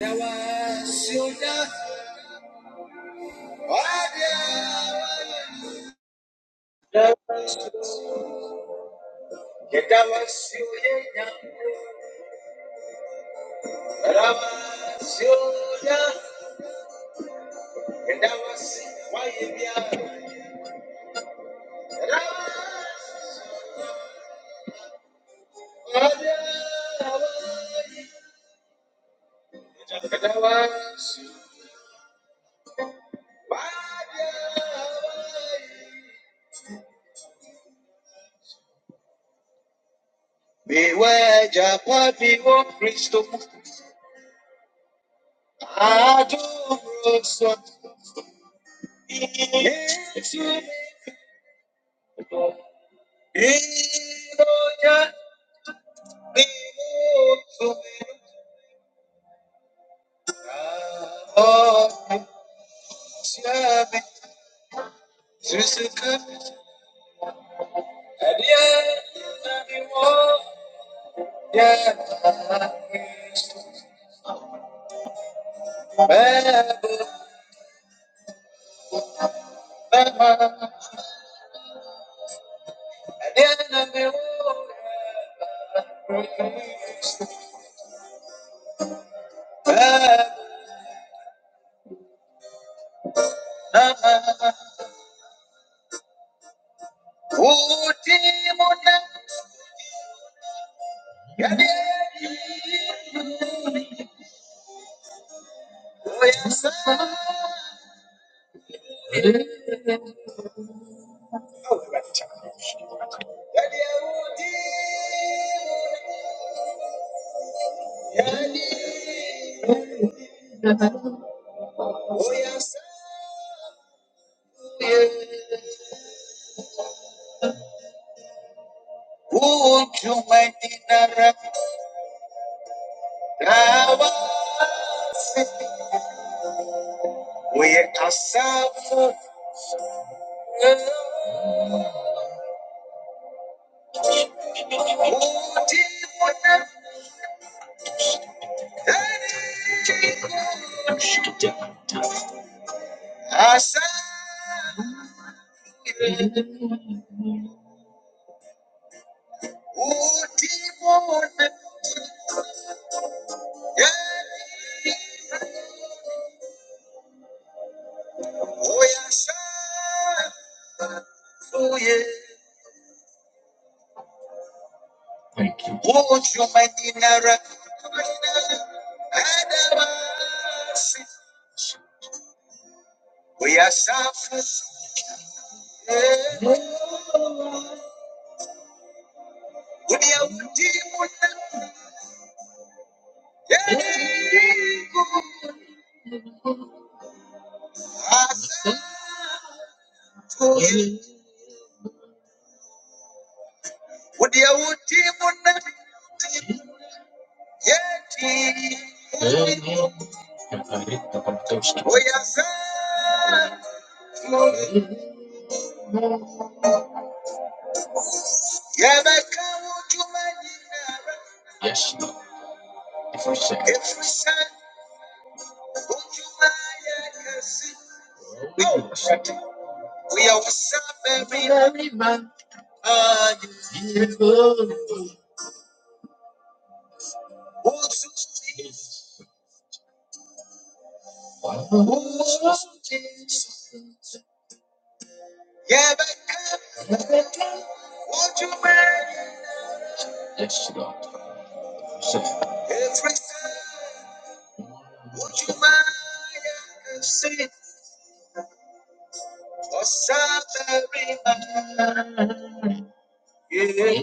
Dawa shuka wadia dawa shuka dawa shuka dawa shuka dawa shuka wadia dawa shuka Beware, Japa, beware, Christo, Ado, Rosso, Ultimunda, Yeah. yeah, yeah. Asafu Oh, yes, oh, yeah. Oh, you might be narrow. Oh, yes, yeah. Oh, yeah, we did what the- Yeah. Ah, oh, yeah. Oh, yeah, Yeah, Oh, yes, yeah. Oh, yeah. Yes, Lord. every second. Every second. We are suffering. Very much. Yeah, Yes, Lord. Every time. Would you mind? for suffering. Yeah.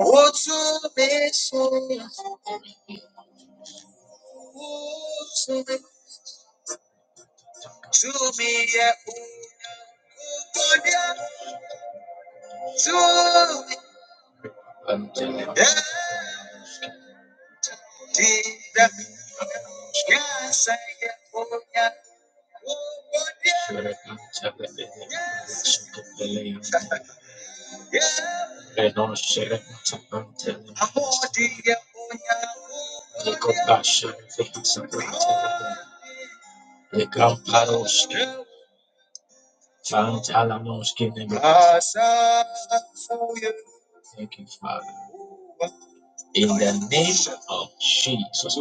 Oh, to me, so, oh, to me, to me, yeah, oh, God, yeah, to me, yeah, Jesus, yes, I am, oh, yeah, oh, God, yeah, yes, Eh, non shere sakante. Niko bashe fiti sakante. Niko paros. Fanta alamos kine. Thank you, Father. In the name of Jesus.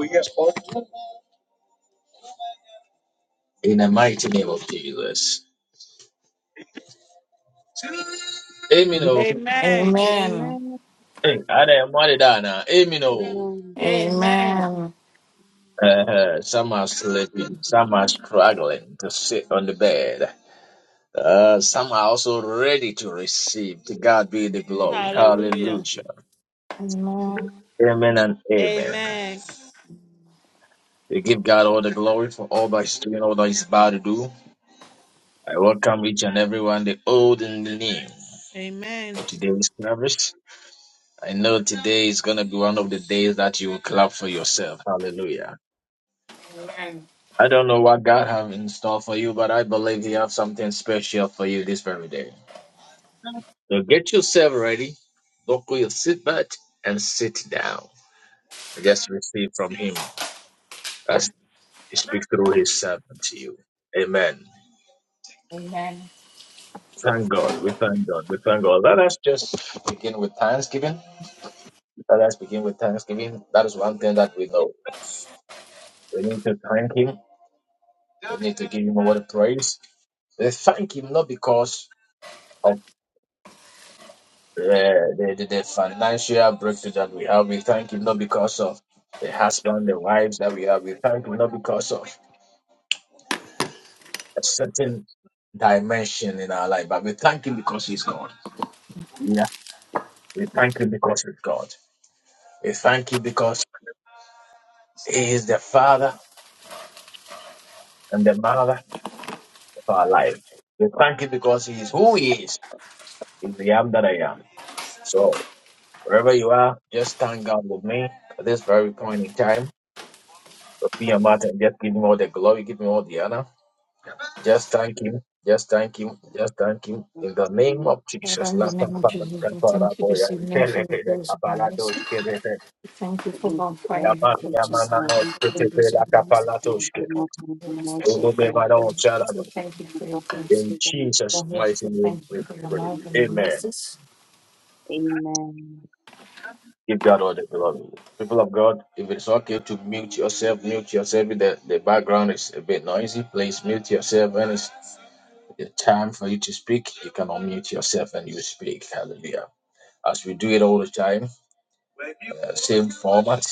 In the mighty name of Jesus. Amen. Amen. oh. Amen. Amen. Amen. Hey, Adam, what did I know? Amen. oh. Amen. Amen. Amen. Uh, some are sleeping, some are struggling to sit on the bed. Uh, some are also ready to receive. To God be the glory. Hallelujah. Hallelujah. Mhm. Amen. Amen and amen. Amen. We give God all the glory for all that He's doing, all that He's about to do. I welcome each and everyone, the old and the new, Amen. to today's service. I know today is going to be one of the days that you will clap for yourself. Hallelujah. I don't know what God have in store for you, but I believe He have something special for you this very day. So get yourself ready, buckle your seatbelt, and sit down. Just receive from him as he speaks through his servant to you. Amen. Amen. Thank God. We thank God. We thank God. Let us just begin with thanksgiving. Let us begin with thanksgiving. That is one thing that we know. We need to thank him. We need to give him a word of praise. We thank him not because of uh, the, the, the financial breakthrough that we have. We thank him not because of the husband, the wives that we have. We thank him not because of a certain dimension in our life, but we thank him because he's God. Yeah. We thank you because he's God. We thank you because he is the father and the mother of our life. We thank you because he is who he is. He's the am that I am. So wherever you are, just thank God with me at this very point in time. Open your mouth and just give him all the glory, give him all the honor. Just thank him. Just thank him. Father, Just thank we him. thank In the you so name much of Father, Jesus. in for the La pa name of pa pa pa Jesus, we pa ra thank you bo ya. this evening for Tele your ke de grace ka pa and la your speaking do mercy. sh ke to de de. We thank you for our every prayer Ya time ma and for ya ma just na no We sh ke thank te the you. We pe grace and la ka your pa mercy. la do sh ke. you. Lord, have we ask for In been We beautifully thank you with us. We give you praise and worship you. Amen. for your Father, we grace. give you praise and We Jesus' mighty beautifully name, thank we you for your worship pray. love and you. your Amen. mercies. Amen. Give God all the glory. People of God, if it's okay to mute yourself, mute yourself. If The, the background is a bit noisy. Please mute yourself. When it's the time for you to speak, you can unmute yourself and you speak. Hallelujah. As we do it all the time, uh, same format.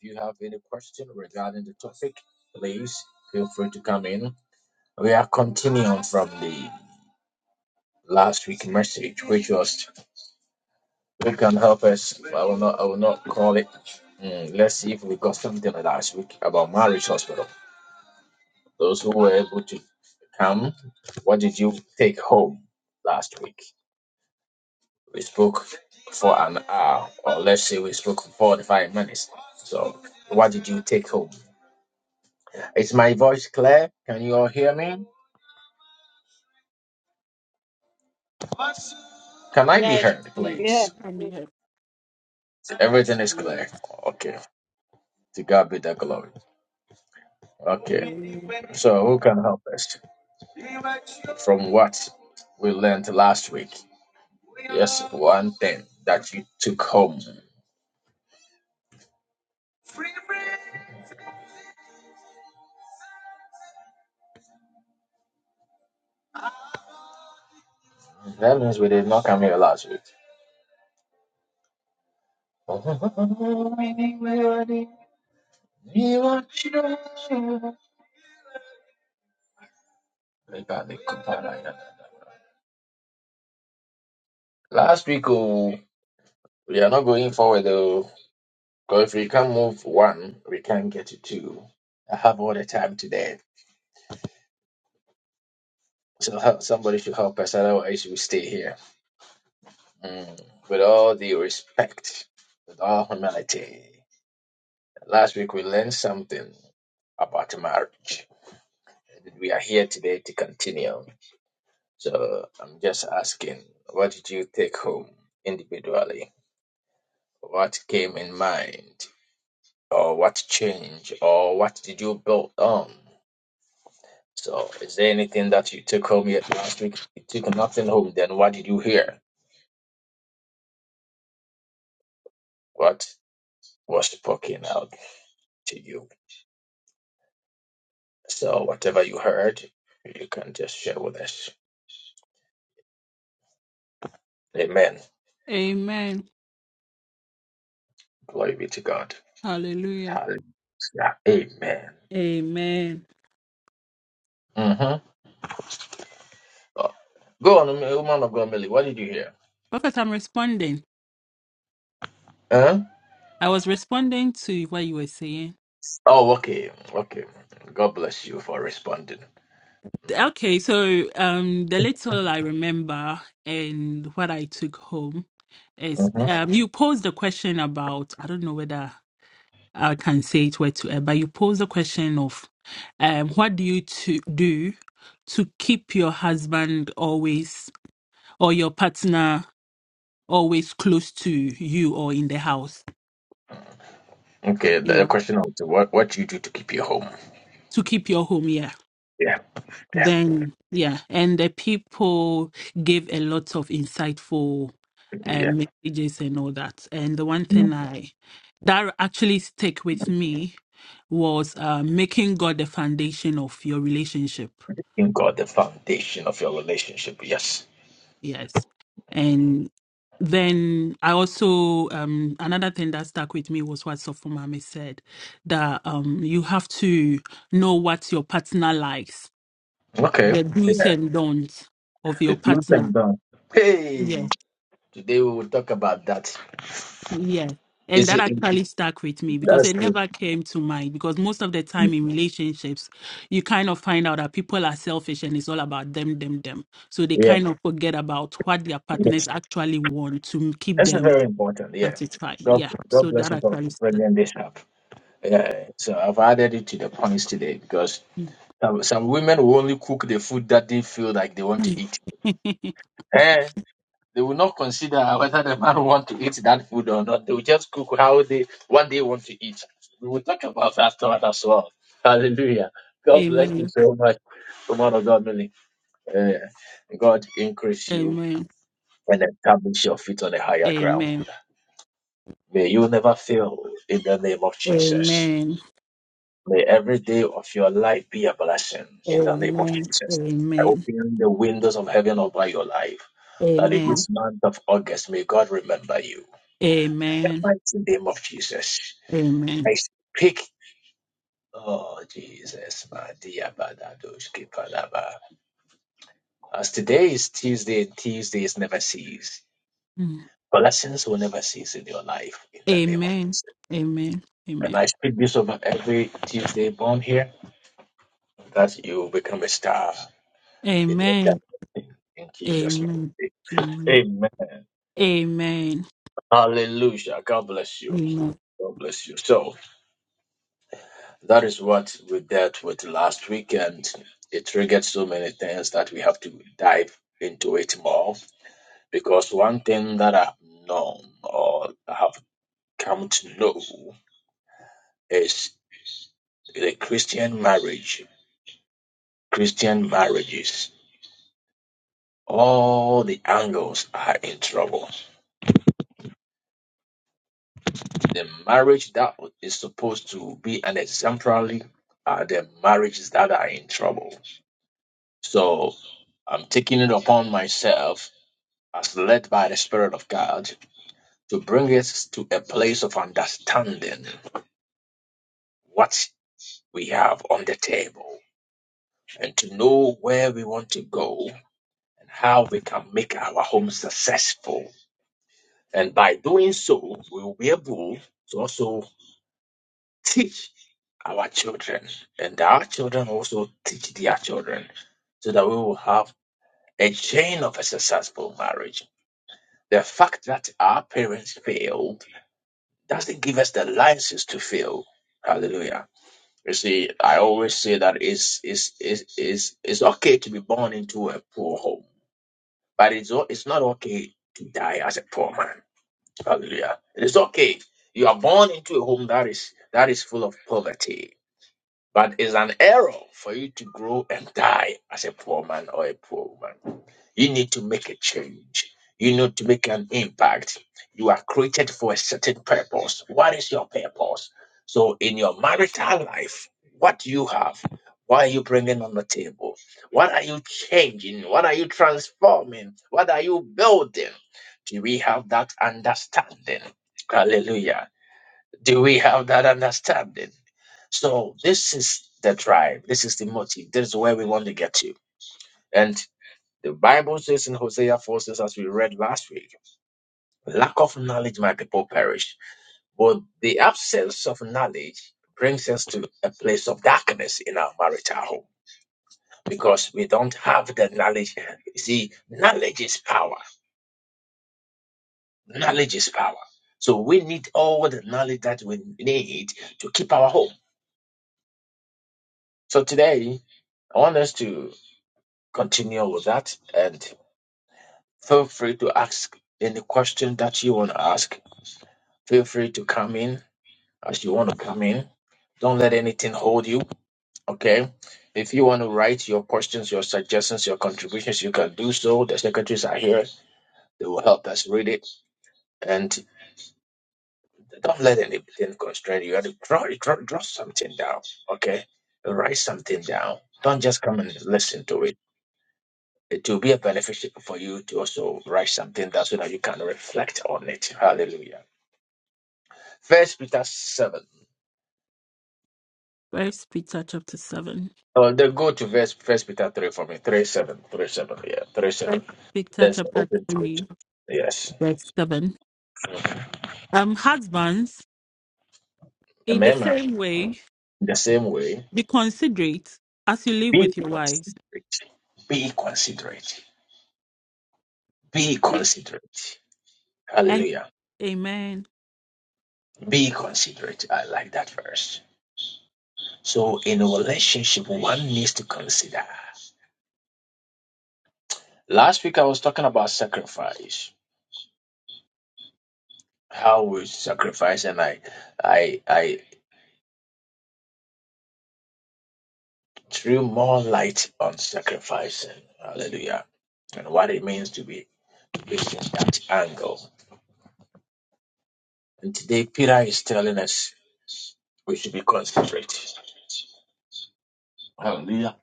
If you have any question regarding the topic, please feel free to come in. We are continuing from the last week message, which was We can help us. I will not. I will not call it. Mm, let's see if we got something last week about marriage hospital. Those who were able to come, what did you take home last week? We spoke for an hour, or let's say we spoke for forty-five minutes. So, what did you take home? Is my voice clear? Can you all hear me? Can I be Yes, heard, please. Yeah. please? You can be here. Everything is Yes. clear. Okay. To God be the glory. Okay. Hallelujah. So, who can help us? from what we learned last week. Yes, one thing that you took home. That means we did not come here last week. Last week, oh, we are not going forward though. Because if we can not move one, we can not get to two. I have all the time today. So somebody should help us, otherwise we stay here. Mm, with all due respect, with all humility. Last week we learned something about marriage. We are here today to continue. So I'm just asking, what did you take home individually? What came in mind? Or what changed? Or what did you build on? So is there anything that you took home yet last week? You took nothing home, then what did you hear? What was spoken out to you? So whatever you heard, you can just share with us. Amen. Amen. Glory be to God. Hallelujah. Hallelujah. Amen. Amen. Mm-hmm. go on, woman of God, Millie. What did you hear? Prophet, I'm responding. Huh? I was responding to what you were saying. Oh, okay. Okay. God bless you for responding. Okay, so um the little I remember and what I took home is um you posed the question about I don't know whether I can say it word to word, but you pose the question of um, what do you to do to keep your husband always or your partner always close to you or in the house? Yeah. Be home. To keep your home, yeah. Yeah. Yeah. Then, yeah. And the people gave a lot of insightful Yeah. um, messages and all that. And the one thing I that actually stick with me was uh, making God the foundation of your relationship In God, the foundation of your relationship. Yes. Yes. And then I also um another thing that stuck with me was what Sofumame said that um you have to know what your partner likes, Okay. the do's Yeah. and don'ts of The your truth and partner. done. Hey. Yes, Today we will talk about that. yes. And Is that it? actually stuck with me because That's it good. never came to mind. Because most of the time in relationships, you kind of find out that people are selfish and it's all about them, them, them. So they Yeah. kind of forget about what their Yes. partners actually want to keep That's them very important. Yeah. 35. Yeah. So that actually bringing started. this up. Yeah, so I've added it to the points today because some, some women will only cook the food that they feel like they want to eat. Eh, they will not consider whether the man want to eat that food or not. They will just cook how they what they want to eat. We will talk about that thought as well. Hallelujah. God bless you Amen. so much, woman of God, Millie. Eh, God increase you Amen. and fit on a higher ground. Amen. May you in the name of Amen. Jesus. Amen. May every day of your life be a blessing in the name of Jesus. I Amen. open the windows of heaven over your life. That in this Amen. month of August, may God remember you. In the Amen. mighty name of Jesus. Amen. I speak. Oh, Jesus. my dear Badadoshki Palaba. As today is Tuesday, and Tuesdays never cease. Mm. Blessings will never cease in your life in the name of Amen. Jesus. Amen. And Amen. I speak this over every Tuesday born here that you will become a star. in your Amen. family. In Jesus' Amen. mighty Amen. name. Amen. Amen. Hallelujah. God bless you. Amen. God bless you. So that is what we dealt with last week, and it triggered so many things that we have to dive into it more. Because one thing that I've known or have come to know is the Christian marriage. Christian marriages, all the angles are in trouble The marriage that is supposed to be an exemplary are the marriages that are in trouble. So I'm taking it upon myself as led by the Spirit of God to bring us to a place of understanding what we have on the table and to know where we want to go and how we can make our home successful. And by doing so, we will be able to also teach our children and our children also teach their children so that we will have a chain of a successful marriage. The fact that our parents failed doesn't give us the license to fail. Hallelujah. You see, I always say that it's, it's, it's, it's, it's okay to be born into a poor home, but it's, o- it's not okay to die as a poor man. Hallelujah. It is okay. You are born into a home that is that is full of poverty But it's an error for you to grow and die as a poor man or a poor woman. You need to make a change. You need to make an impact. You are created for a certain purpose. What is your purpose? So, in your marital life, what do you have? What are you bringing on the table? What are you changing? What are you transforming? What are you building? Do we have that understanding? Hallelujah. Do we have that understanding? So this is the drive. This is the motive. This is where we want to get to. And the Bible says in Hosea 4 says, as we read last week, lack of knowledge, my people perish. But the absence of knowledge brings us to a place of darkness in our marital home because we don't have the knowledge. You see, knowledge is power. Knowledge is power. So we need all the knowledge that we need to keep our home. So today, I want us to continue with that. and. Feel free to ask any question that you want to ask. Feel free to come in as you want to come in. Don't let anything hold you. Okay. If you want to write your questions, your suggestions, your contributions, you can do so. The secretaries are here. They will help us read it. And don't let anything constrain you. You have to draw, draw, draw something down. Okay. Write something down. Don't just come and listen to it. It will be a benefit for you to also write something down so that you can reflect on it. Hallelujah. First Peter seven. First Peter chapter seven. Oh, then go to verse First Peter three for me. Three seven, three seven. Yeah, three seven. First Peter That's the chapter open scripture. three, Yes. verse seven. Um, husbands, in the Remember, same way in the same way, Be considerate as you live be with your wives. considerate. Be considerate. Be considerate. And Hallelujah. amen. Be considerate. I like that verse. So in a relationship, one needs to consider. Last week I was talking about sacrifice. How we sacrifice, and I, I, I, threw more light on sacrificing. Hallelujah. And what it means to be Christian, that angle. And today, Peter is telling us we should be considerate. Hallelujah.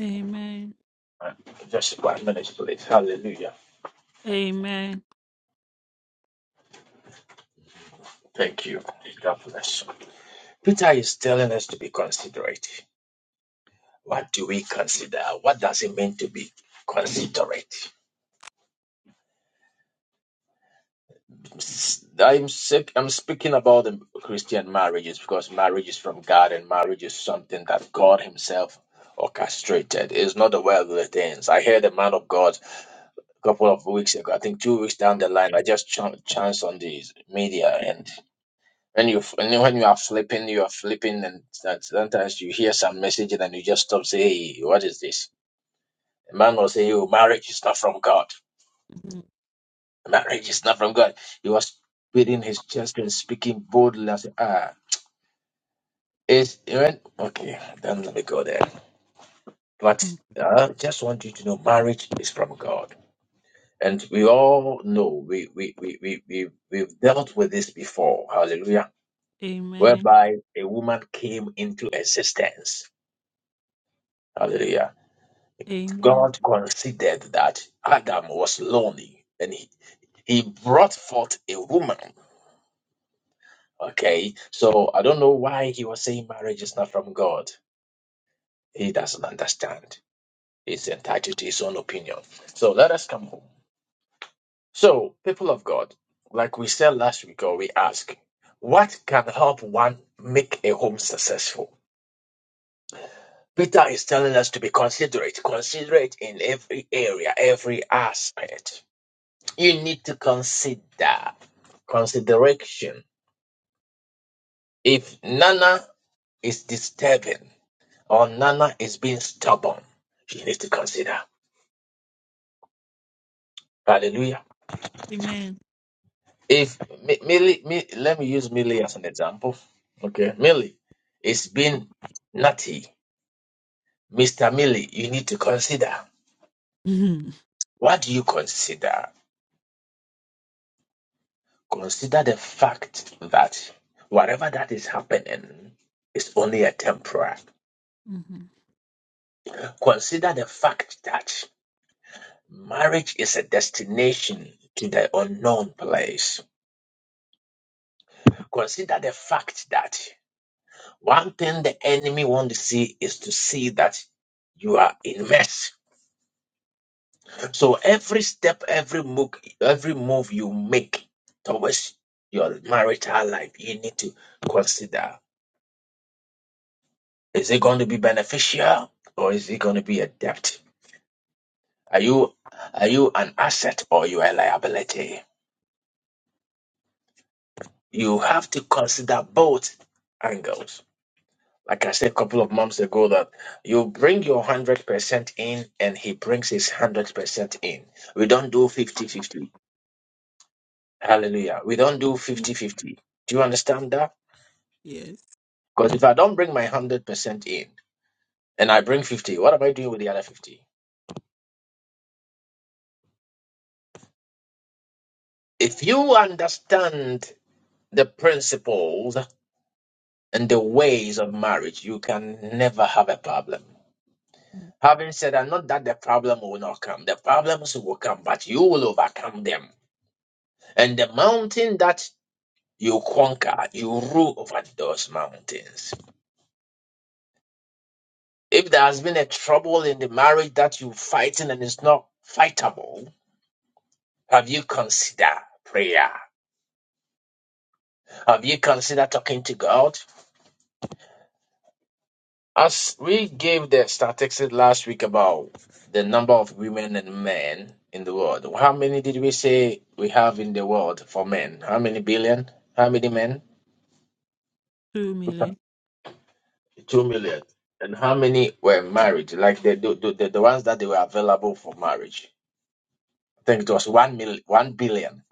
Amen. And Just one minute, please. Hallelujah. Amen. Thank you. God bless. Peter is telling us to be considerate. What do we consider? What does it mean to be considerate? s- I'm sick. I'm speaking about the Christian marriages because marriage is from God and marriage is something that God Himself orchestrated. It's not the worldly things. I heard a man of God a couple of weeks ago. I think two weeks down the line. I just ch- chanced on the media and. When you f- and when you are flipping, you are flipping, and that- sometimes you hear some message and then you just stop. Say, hey, what is this? A man will say, "Oh, marriage is not from God. Mhm. Marriage is not from God." He was beating his chest and speaking boldly. I said, "Ah, It's when okay, then let me go there. But Mhm. I just want you to know marriage is from God. And we all know we we we we, we we've dealt with this before, hallelujah. Amen. Whereby a woman came into existence. Hallelujah. Amen. God considered that Adam was lonely and he, he brought forth a woman. Okay. So I don't know why he was saying marriage is not from God. He doesn't understand. is entitled to his own opinion. So let us come home. So, people of God, like we said last week, or we ask, what can help one make a home successful? Peter is telling us to be considerate, considerate in every area, every aspect. You need to consider consideration. If Nana is disturbing or Nana is being stubborn, she needs to consider. Hallelujah. Amen. If Mi- Millie, Mi- let me use Millie as an example. Okay, Millie, it's been nutty, Mister Millie. You need to consider. Mhm. What do you consider? Consider the fact that whatever that is happening is only a temporary. Mhm. Consider the fact that marriage is a destination to the unknown place. Consider the fact that one thing the enemy wants to see is to see that you are in mess So every step, every move, every move you make towards your marital life, you need to consider: is it going to be beneficial or is it going to be a debt? Are you are you an asset or you are a liability? You have to consider both angles. Like I said a couple of months ago, that you bring your 100% in and he brings his 100% in. We don't do 5050 Hallelujah. We don't do 5050 Do you understand that? Yes. Because if I don't bring my 100% in and I bring 50, what am I doing with the other 50? If you understand the principles and the ways of marriage, you can never have a problem. Mm. Having said that, not that the problem will not come, the problems will come, but you will overcome them. And the mountain that you conquer, you rule over those mountains. If there has been a trouble in the marriage that you're fighting and it's not fightable, have you considered prayer? Have you considered talking to God? As we gave the statistics last week about the number of women and men in the world, how many did we say we have in the world for men? How many billion? How many men? Two million. Two million. And how many were married? Like the the, the, the ones that they were available for marriage. I think it was one mil, one billion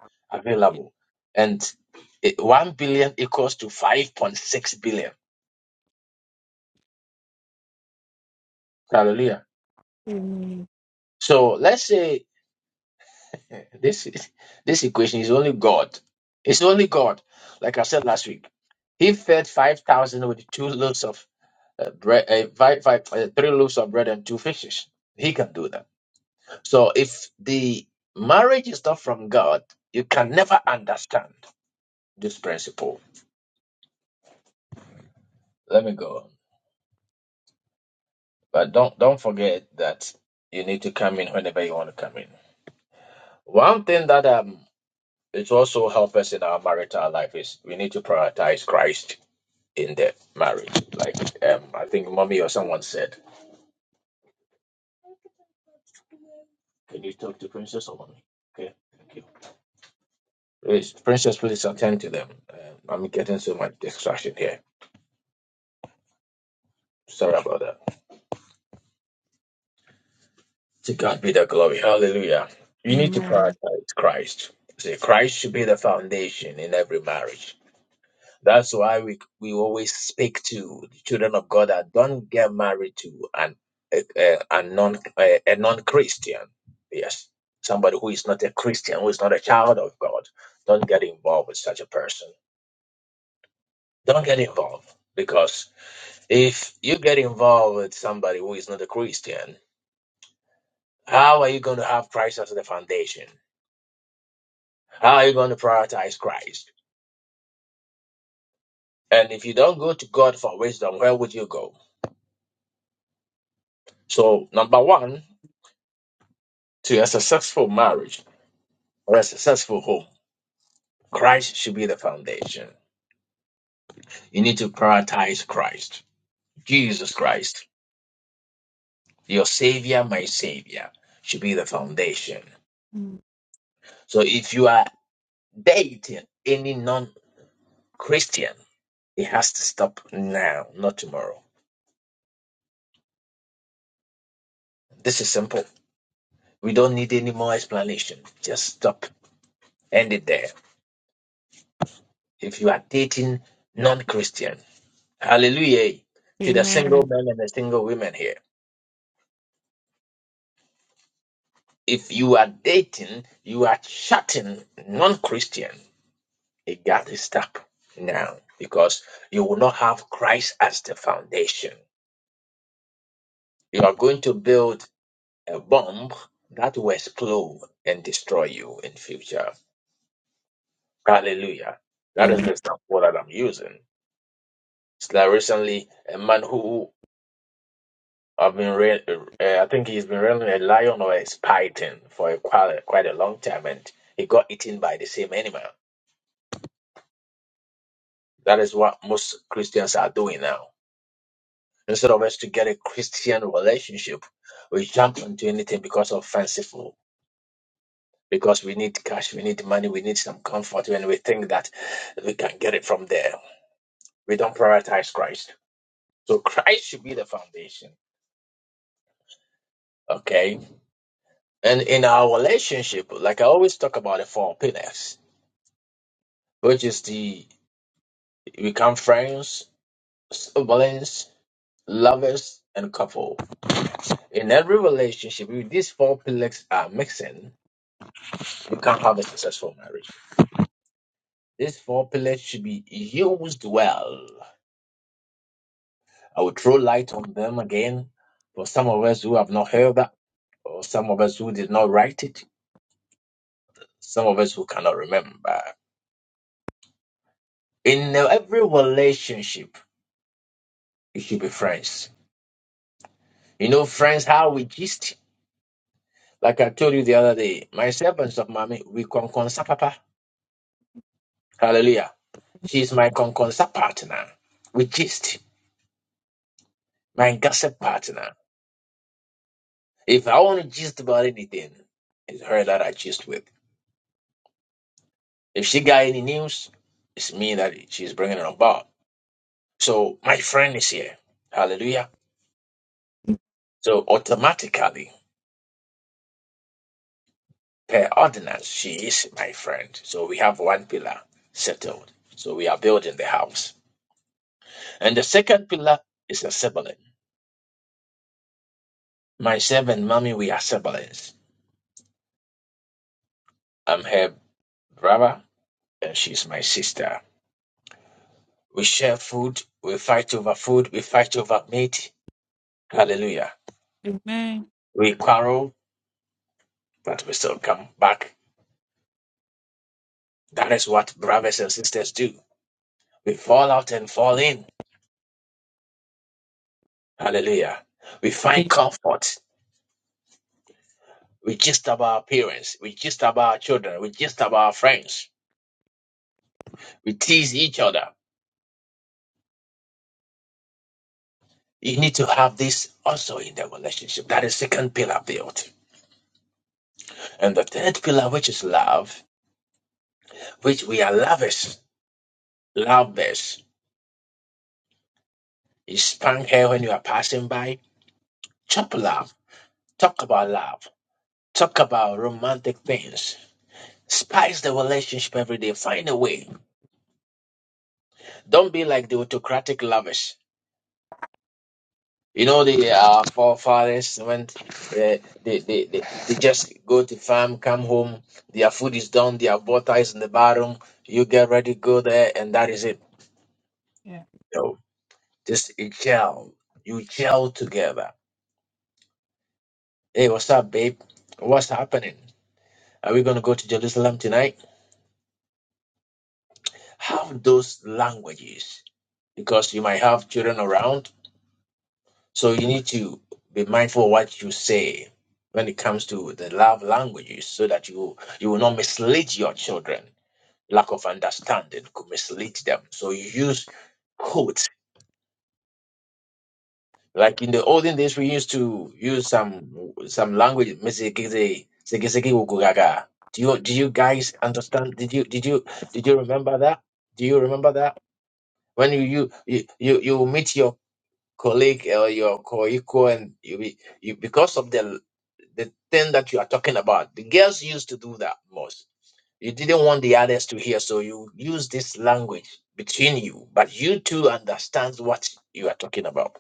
Yeah. available, and it, one billion equals to five point six billion. Hallelujah. Amen. So let's say Yeah, This this equation is only God. It's only God. Like I said last week, He fed five thousand with two loaves of uh, bread, uh, five, five, uh, three loaves of bread and two fishes. He can do that. So if the marriage is not from God, you can never understand this principle. Let me go. on. But don't don't forget that you need to come in whenever you want to come in. One thing that um it also helps us in our marital life is we need to prioritize Christ in the marriage. Like um, I think mommy or someone said, "Can you talk to princess or mommy?" Okay, thank you. Please, princess, please attend to them. Um, I'm getting so much distraction here. Sorry about that. To God be the glory. Hallelujah. You need to Amen. prioritize Christ. See, Christ should be the foundation in every marriage. That's why we we always speak to the children of God that don't get married to an a, a, a non a, a non Christian. Yes, somebody who is not a Christian, who is not a child of God. Don't get involved with such a person. Don't get involved because if you get involved with somebody who is not a Christian, how are you going to have Christ as the foundation? How are you going to prioritize Christ? And if you don't go to God for wisdom, where would you go? So number one, to a successful marriage For a successful home, Christ should be the foundation. You need to prioritize Christ. Jesus Christ, your Savior, my Savior, should be the foundation. Mm. So if you are dating any non Christian, it has to stop now, not tomorrow. This is simple. We don't need any more explanation. Just stop. End it there. If you are dating non Christian, hallelujah to the single Amen. men and the single women here. If you are dating, you are chatting non Christian, you got to stop now because you will not have Christ as the foundation. You are going to build a bomb that will explode and destroy you in future. Hallelujah. That is Amen. the example that I'm using. It's like recently a man who I've been, re- uh, I think he's been running a lion or a python for a quite, quite a long time, and he got eaten by the same animal. That is what most Christians are doing now. Instead of us to get a Christian relationship, we jump into anything because of fanciful. Because we need cash, we need money, we need some comfort, and we think that we can get it from there. We don't prioritize Christ. So Christ should be the foundation. Okay. And in our relationship, like I always talk about the four pillars, which is the we become friends, siblings, lovers, and couple In every relationship, if these four pillars are mixing, you can't have a successful marriage. These four pillars should be used well. I will throw light on them again for some of us who have not heard that, or some of us who did not write it, some of us who cannot remember. In every relationship, it should be friends. You know, friends, how we gist. Like I told you the other day, myself and Stepmommy, we conconsapapa. Hallelujah. She's my conconsap partner. We gist. My gossip partner. If I want to gist about anything, it's her that I gist with. If she got any news, it's me that she's bringing it about. So my friend is here. Hallelujah. So automatically, per ordinance, she is my friend. So we have one pillar settled. So we are building the house. And the second pillar is a sibling. Myself and mommy, we are siblings. I'm her brother and she's my sister. We share food. We fight over food. We fight over meat Hallelujah. Amen. We quarrel, but we still come back. That is what brothers and sisters do. We fall out and fall in. Hallelujah. We find Amen. comfort. We just about our parents. We just about our children. We just about our friends. We tease each other. You need to have this also in the relationship. That is second pillar built. And the third pillar, which is love, which we are lovers. Lovers. You spank her when you are passing by. Chop love. Talk about love. Talk about romantic things. Spice the relationship every day. Find a way. Don't be like the autocratic lovers. You know the uh, forefathers when uh, they, they, they they just go to farm, come home, their food is done, their butter is in the bottom. You get ready, go there, and that is it. Yeah. No, just you gel. You gel together. Hey, what's up, babe? What's happening? Are we gonna go to Jerusalem tonight? Have those languages because you might have children around So you need to be mindful of what you say when it comes to the love languages so that you you will not mislead your children. Lack of understanding could mislead them. So you use quotes. Like in the olden days we used to use some some language "Misikiti, sikisiki wukugaga." do you do you guys understand? Did you did you did you remember that? Do you remember that? When you you you you you meet your colleague or your co-equal and you, be- you because of the the thing that you are talking about the girls used to do that most you didn't want the others to hear so you use this language between you but you two understand what you are talking about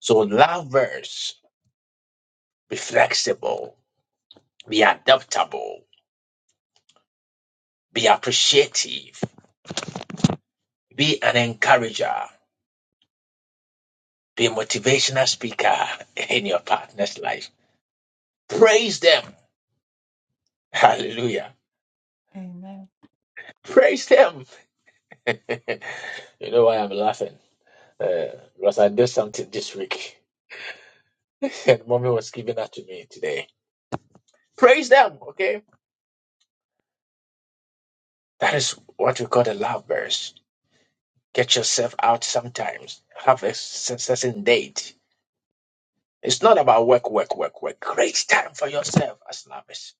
so lovers be flexible be adaptable be appreciative be an encourager be a motivational speaker in your partner's life praise them hallelujah Amen. praise them you know why I'm laughing? Uh, because I did something this week, and mommy was giving that to me today. Praise them, okay? That is what we call the lovers. Get yourself out sometimes. Have a s- certain date. It's not about work, work, work, work. Create time for yourself as lovers.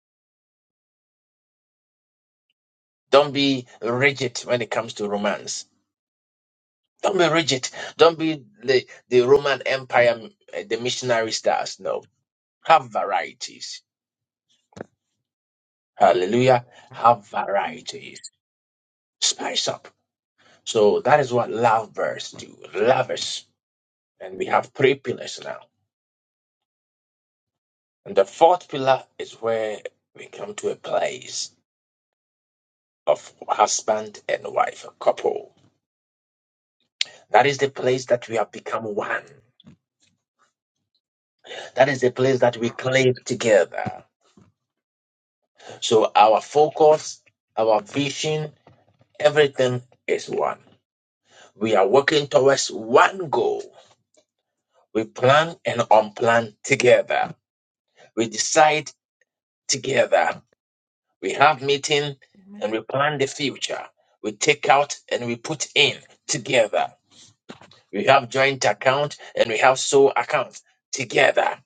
Don't be rigid when it comes to romance. Don't be rigid. Don't be the, the Roman Empire, uh, the missionary stars. No. Have varieties Hallelujah. Have varieties. Spice up. So that is what lovers do. Lovers. And we have three pillars now. And the fourth pillar is where we come to a place of husband and wife, a couple. That is the place that we have become one. That is the place that we cling together. So our focus, our vision, everything is one. We are working towards one goal. We plan and unplan together. We decide together. We have meeting and we plan the future. We take out and we put in together. We have joint account and we have sole account together.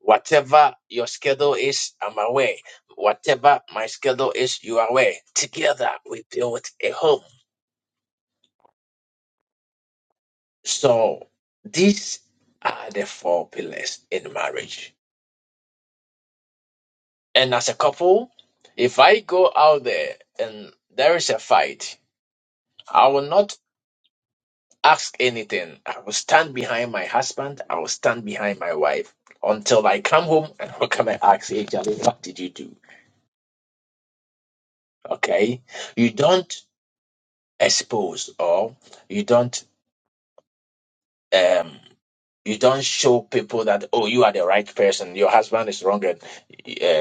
Whatever your schedule is, I'm aware. Whatever my schedule is, you are aware. Together we build a home. So these are the four pillars in marriage. And as a couple, if I go out there and there is a fight, I will not ask anything. I will stand behind my husband. I will stand behind my wife until I come home and what can I ask Hey Charlie, what did you do? Okay. You don't expose or you don't um you don't show people that oh you are the right person, your husband is wrong and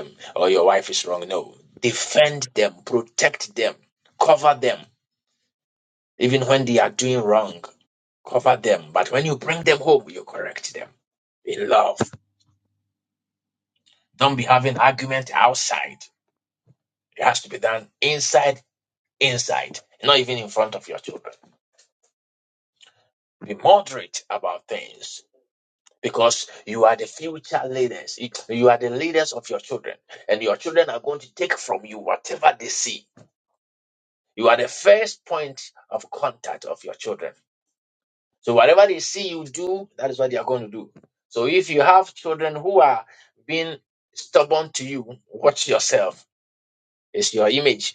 um, or your wife is wrong. No. Defend them, protect them, cover them. Even when they are doing wrong, cover them. But when you bring them home, you correct them in love Don't be having argument outside. It has to be done inside, inside, not even in front of your children. Be moderate about things because you are the future leaders. You are the leaders of your children, and your children are going to take from you whatever they see. You are the first point of contact of your children. So whatever they see you do, that is what they are going to do. So if you have children who are being stubborn to you, watch yourself. It's your image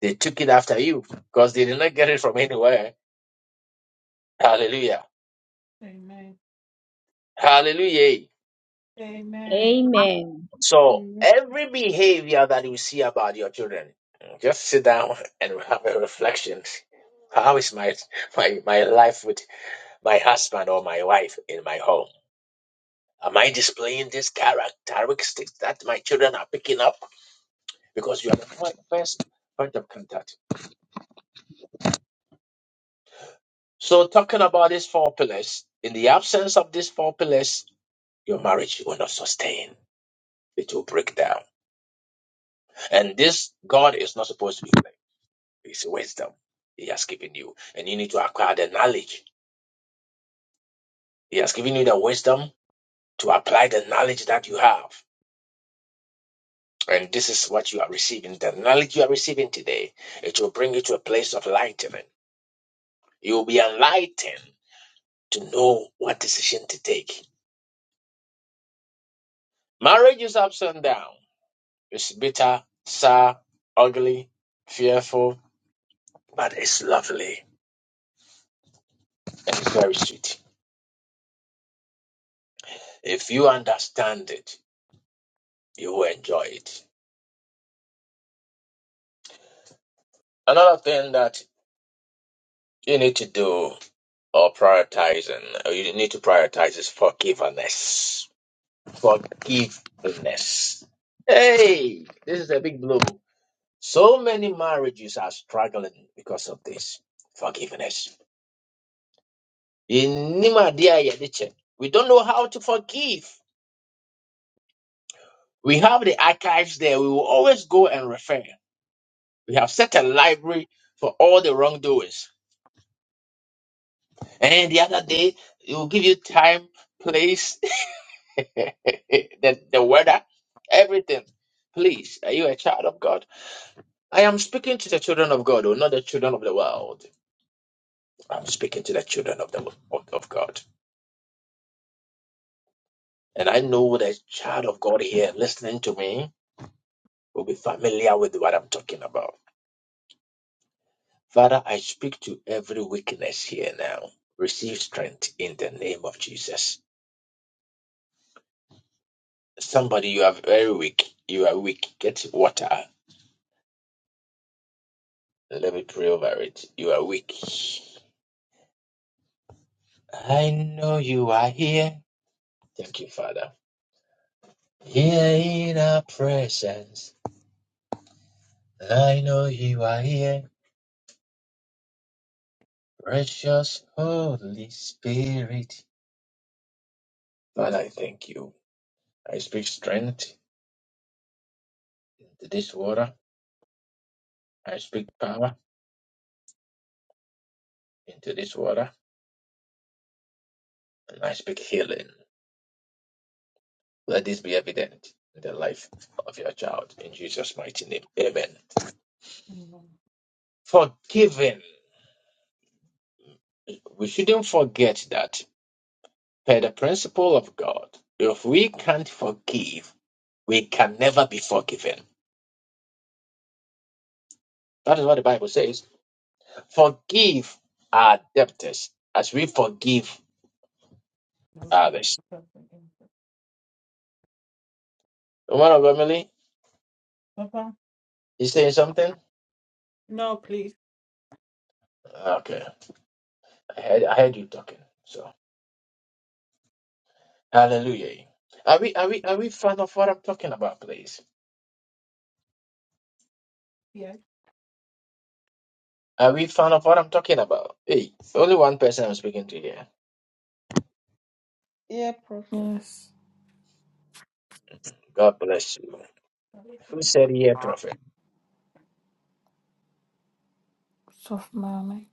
They took it after you because they did not get it from anywhere. Hallelujah. Amen. Hallelujah. Amen. Amen. So Amen. every behavior that you see about your children, just sit down and have a reflection. How is my my my life with my husband or my wife in my home? Am I displaying these characteristics that my children are picking up? Because you are the fir- first point of contact. So talking about these four pillars, in the absence of these four pillars, your marriage will not sustain. it will break down. And this God is not supposed to be like. It's wisdom He has given you. And you need to acquire the knowledge. He has given you the wisdom to apply the knowledge that you have. And this is what you are receiving. The knowledge you are receiving today, it will bring you to a place of lightening. You will be enlightened to know what decision to take. Marriage is ups and down. It's bitter, sour, ugly, fearful, but it's lovely and it's very sweet. If you understand it, you will enjoy it. Another thing that you need to do or prioritizing, or you need to prioritize is forgiveness. Forgiveness. Hey, this is a big blow. So many marriages are struggling because of this forgiveness. In Nima Dia Yadiche, We don't know how to forgive. We have the archives there. We will always go and refer. We have set a library for all the wrongdoings And the other day, it will give you time, place, the, the weather, everything. Please, are you a child of God? I am speaking to the children of God, or not the children of the world. I'm speaking to the children of the of, of God. And I know the child of God here listening to me will be familiar with what I'm talking about. Father, I speak to every weakness here now. Receive strength in the name of Jesus. Somebody, you are very weak. You are weak. Get water. Let me pray over it. You are weak. I know you are here. Thank you, Father. Here in our presence, I know you are here. Precious Holy Spirit. Father, I thank you. I speak strength into this water. I speak power into this water. And I speak healing. Let this be evident in the life of your child. In Jesus' mighty name. Amen. Amen. Forgiven. We shouldn't forget that. Per the principle of God, if we can't forgive, we can never be forgiven. That is what the Bible says. Forgive our debtors as we forgive Those who- others. Woman of Emily, Papa, you saying something? no, please. Okay. I heard, I heard you talking. So hallelujah. Are we are we are we fan of what I'm talking about, please? Yes. Are we fan of what I'm talking about? Hey, only one person I'm speaking to here. Yeah, prophet. Yes, God bless you. Who said here, prophet? soft mommy.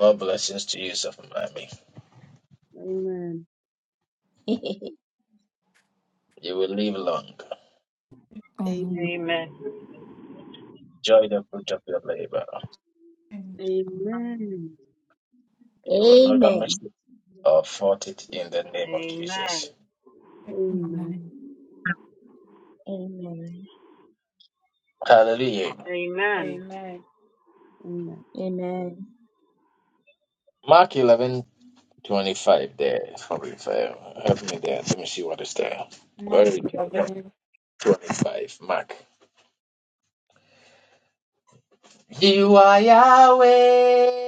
More blessings to you, Sophomami. Amen. Amen. You will live long. Amen. Amen. Amen. Enjoy the fruit of your labor. Amen. Amen. You will never miss it or fault it in the name of Amen. Jesus. Amen. Amen. Amen. Hallelujah. Amen. Amen. Amen. Amen. Mark eleven twenty five. there. Probably fair. Help me there. Let me see what is there. Where Mark is it? 11, 25. Mark. You are Yahweh.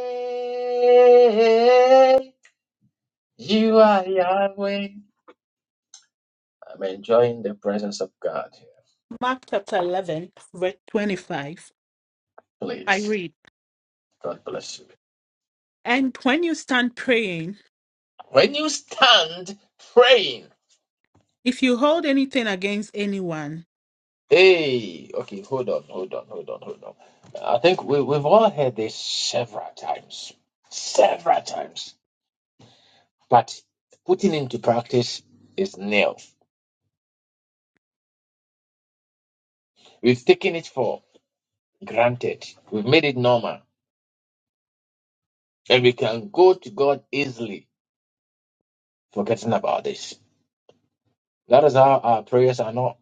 You are Yahweh. I'm enjoying the presence of God. here. Mark chapter 11, verse 25. I Please. read, God bless you. And when you stand praying, When you stand praying, if you hold anything against anyone, Hey, okay, hold on, hold on, hold on, hold on. I think we, we've all heard this several times, several times, but putting into practice is nil. We've taken it for granted, we've made it normal, and we can go to God easily, forgetting about this. That is how our prayers are not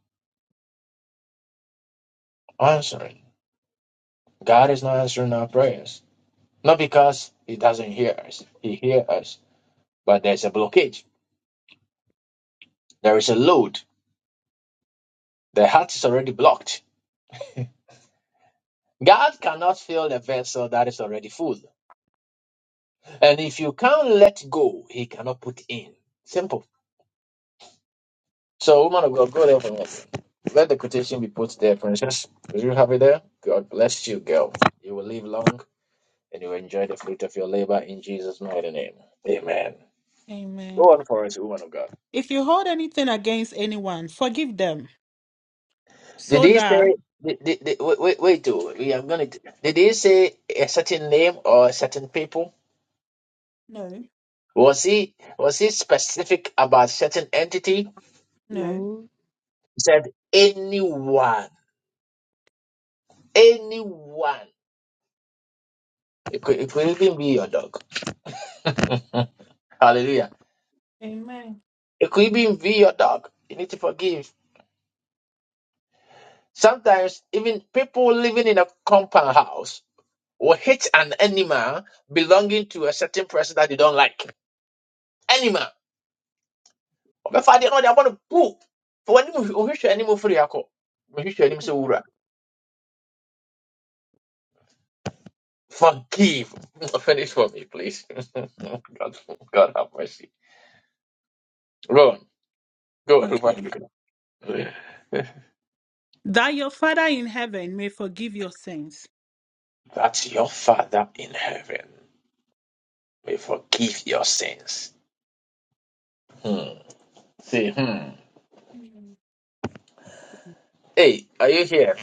answering. God is not answering our prayers, not because He doesn't hear us, He hears us, but there's a blockage, there is a load, the heart is already blocked God cannot fill a vessel that is already full. And if you can't let go, he cannot put in. Simple. So, woman of God, go there for us. Let the quotation be put there, princess. Do you have it there? God bless you, girl. You will live long and you will enjoy the fruit of your labor in Jesus' mighty name. Amen. Amen. Woman of God. If you hold anything against anyone, forgive them Did so he that. say, did, did, did- wait, wait, wait, oh, we are going to, did he say a certain name or a certain people? No, Was he was he specific about certain entity no. No. said anyone, anyone. It could, it could even be your dog. Hallelujah. Amen. It could even be your dog. You need to forgive. Sometimes even people living in a compound house will hit an animal belonging to a certain person that they don't like. Animal. Ɔbɛfa adeɛ na ɔde abɔ no poo. For When you wohwehwɛ animal free akɔ. Wohwehwɛ animal, sɛ wura. Forgive. Finish for me, please. God, God have mercy. Go on. Go Okay. on. That your Father in heaven may forgive your sins. that your Father in heaven may forgive your sins. Hmm. See, hmm. Hey, are you here?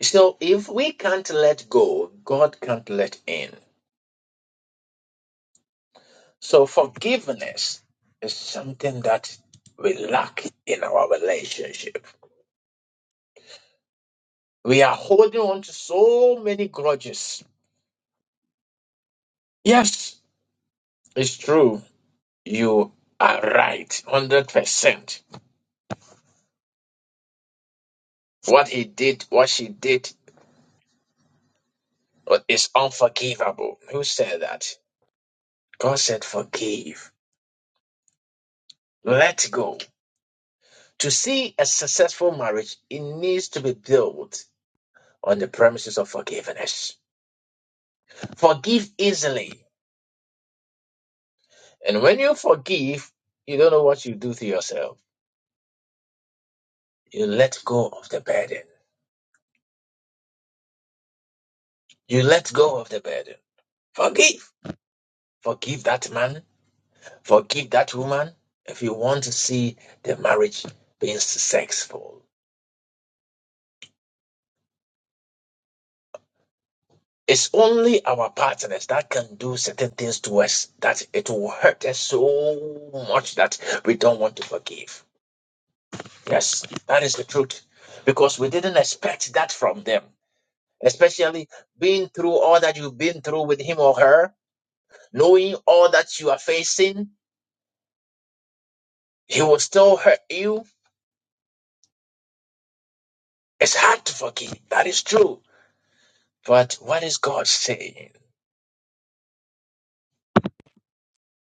So, if we can't let go, God can't let in. So, forgiveness is something that we lack in our relationship. We are holding on to so many grudges. Yes, it's true. You are right, 100%. What he did, what she did is unforgivable. Who said that? God said, forgive, let go. To see a successful marriage, it needs to be built on the premises of forgiveness. Forgive easily. And when you forgive, you don't know what you do to yourself. You let go of the burden. You let go of the burden. Forgive. Forgive that man. Forgive that woman. If you want to see the marriage being successful, It's only our partners that can do certain things to us that it will hurt us so much that we don't want to forgive. Yes, that is the truth. Because we didn't expect that from them, especially being through all that you've been through with him or her, knowing all that you are facing, he will still hurt you. It's hard to forgive. That is true. But what is God saying?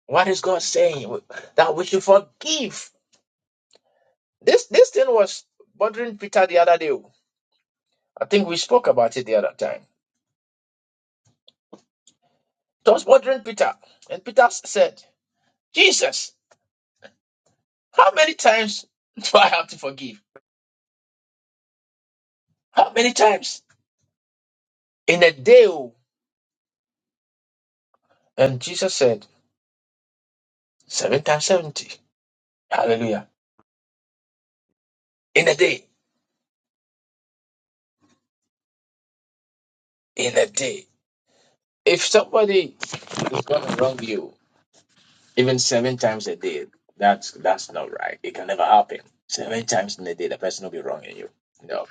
What is God saying? That we should forgive. This this thing was bothering Peter the other day. I think we spoke about it the other time. It was bothering Peter, and Peter said, Jesus, how many times do I have to forgive? How many times? In a day. oh." And Jesus said, Seven times 70. Hallelujah. In a day. In a day. If somebody is going to wrong you, even seven times a day, that's that's not right. It can never happen. Seven times in a day, the person will be wronging you. No,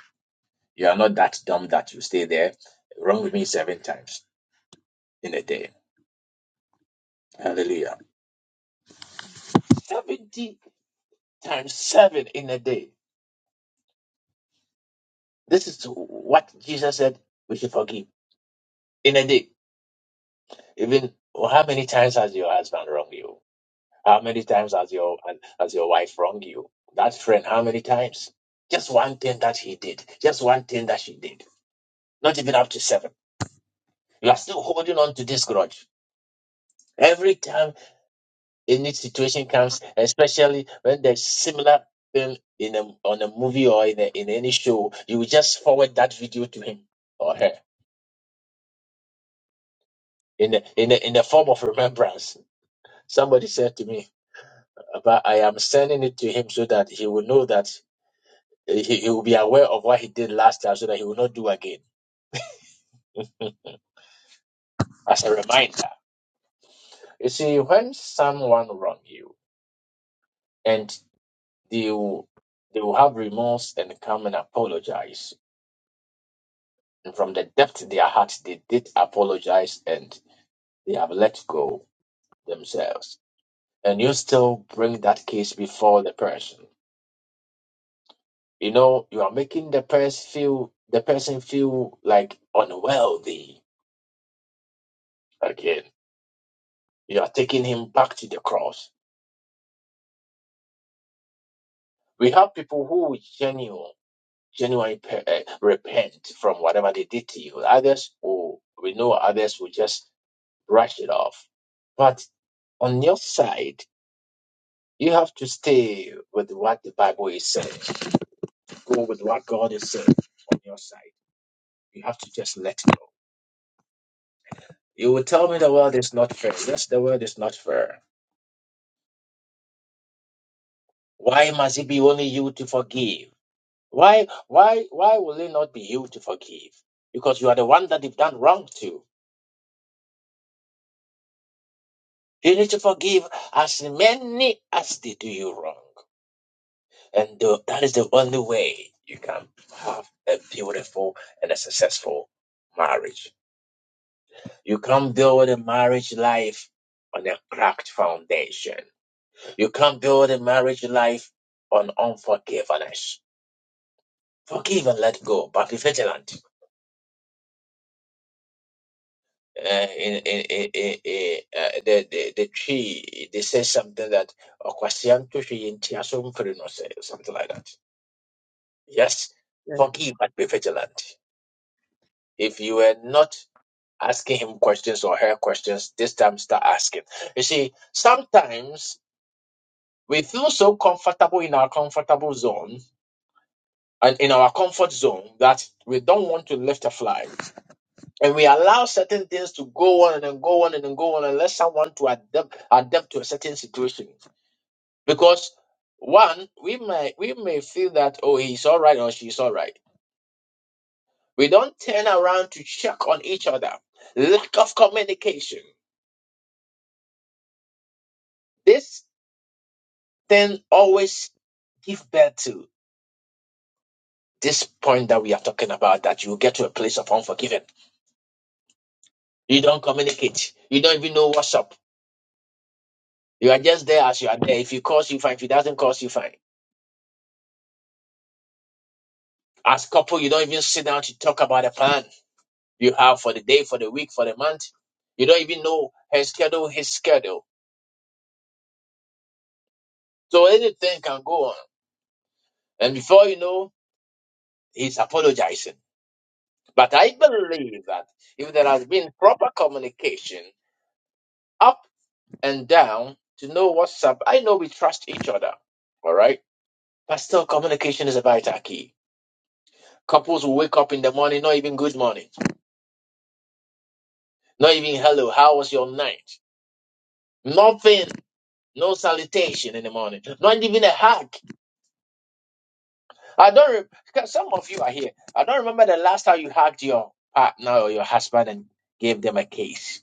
you are not that dumb that you stay there. Wrong with me seven times in a day. Hallelujah. 70 times 7 in a day. This is what Jesus said we should forgive in a day. Even well, how many times has your husband wronged you? How many times has your has your wife wronged you? That friend, how many times? Just one thing that he did. Just one thing that she did. Not even up to seven. You are still holding on to this grudge. Every time a new situation comes, especially when there's similar thing in a, on a movie or in, a, in any show, you will just forward that video to him or her. in the, in the, in the form of remembrance. Somebody said to me, but I am sending it to him so that he will know that eh, he, he will be aware of what he did last time so that he will not do again as a reminder. You see, when someone wrong you and they will, they will have remorse and come and apologize. And from the depth of their heart, they did apologize and they have let go themselves. And you still bring that case before the person. You know, you are making the person feel the person feel like unworthy again. You are taking him back to the cross. We have people who genuine, genuinely pe- eh, repent from whatever they did to you. Others will, we know others will just brush it off. But on your side, you have to stay with what the Bible is saying. Go with what God is saying on your side. You have to just let go. You will tell me the world is not fair. Yes, the world is not fair Why must it be only you to forgive? Why, why, why will it not be you to forgive? Because you are the one that they've done wrong to. You need to forgive as many as they do you wrong. And tho- that is the only way you can have a beautiful and a successful marriage. You can't build a marriage life on a cracked foundation. You can't build a marriage life on unforgiveness. Forgive and let go, but be vigilant uh, in, in, in, in, in, uh, the, the, the tree, they say something that "Okwasianto tree in Tiasomfere," no say something like that. Yes, Yeah. forgive but be vigilant. If you were not asking him questions or her questions, this time start asking. You see, sometimes we feel so comfortable in our comfortable zone and in our comfort zone that we don't want to lift a fly. And we allow certain things to go on and then go on and then go on unless someone to adapt adapt to a certain situation. Because one, we may we may feel that oh he's all right or she's all right. We don't turn around to check on each other. Lack of communication. This thing always give birth to this point that we are talking about that you get to a place of unforgiving. You don't communicate. You don't even know what's up. You are just there as you are there. If he calls you fine, if he doesn't call you fine. As couple, you don't even sit down to talk about a plan you have for the day, for the week, for the month. You don't even know her schedule, his schedule. So anything can go on. And before you know, he's apologizing. But I believe that if there has been proper communication up and down to know what's up, I know we trust each other. All right. But still, communication is a vital key. Couples will wake up in the morning, not even good morning, not even hello, how was your night? Nothing. No salutation in the morning. Not even a hug. I don't. Re- because some of you are here. I don't remember the last time you hugged your partner or your husband and gave them a kiss.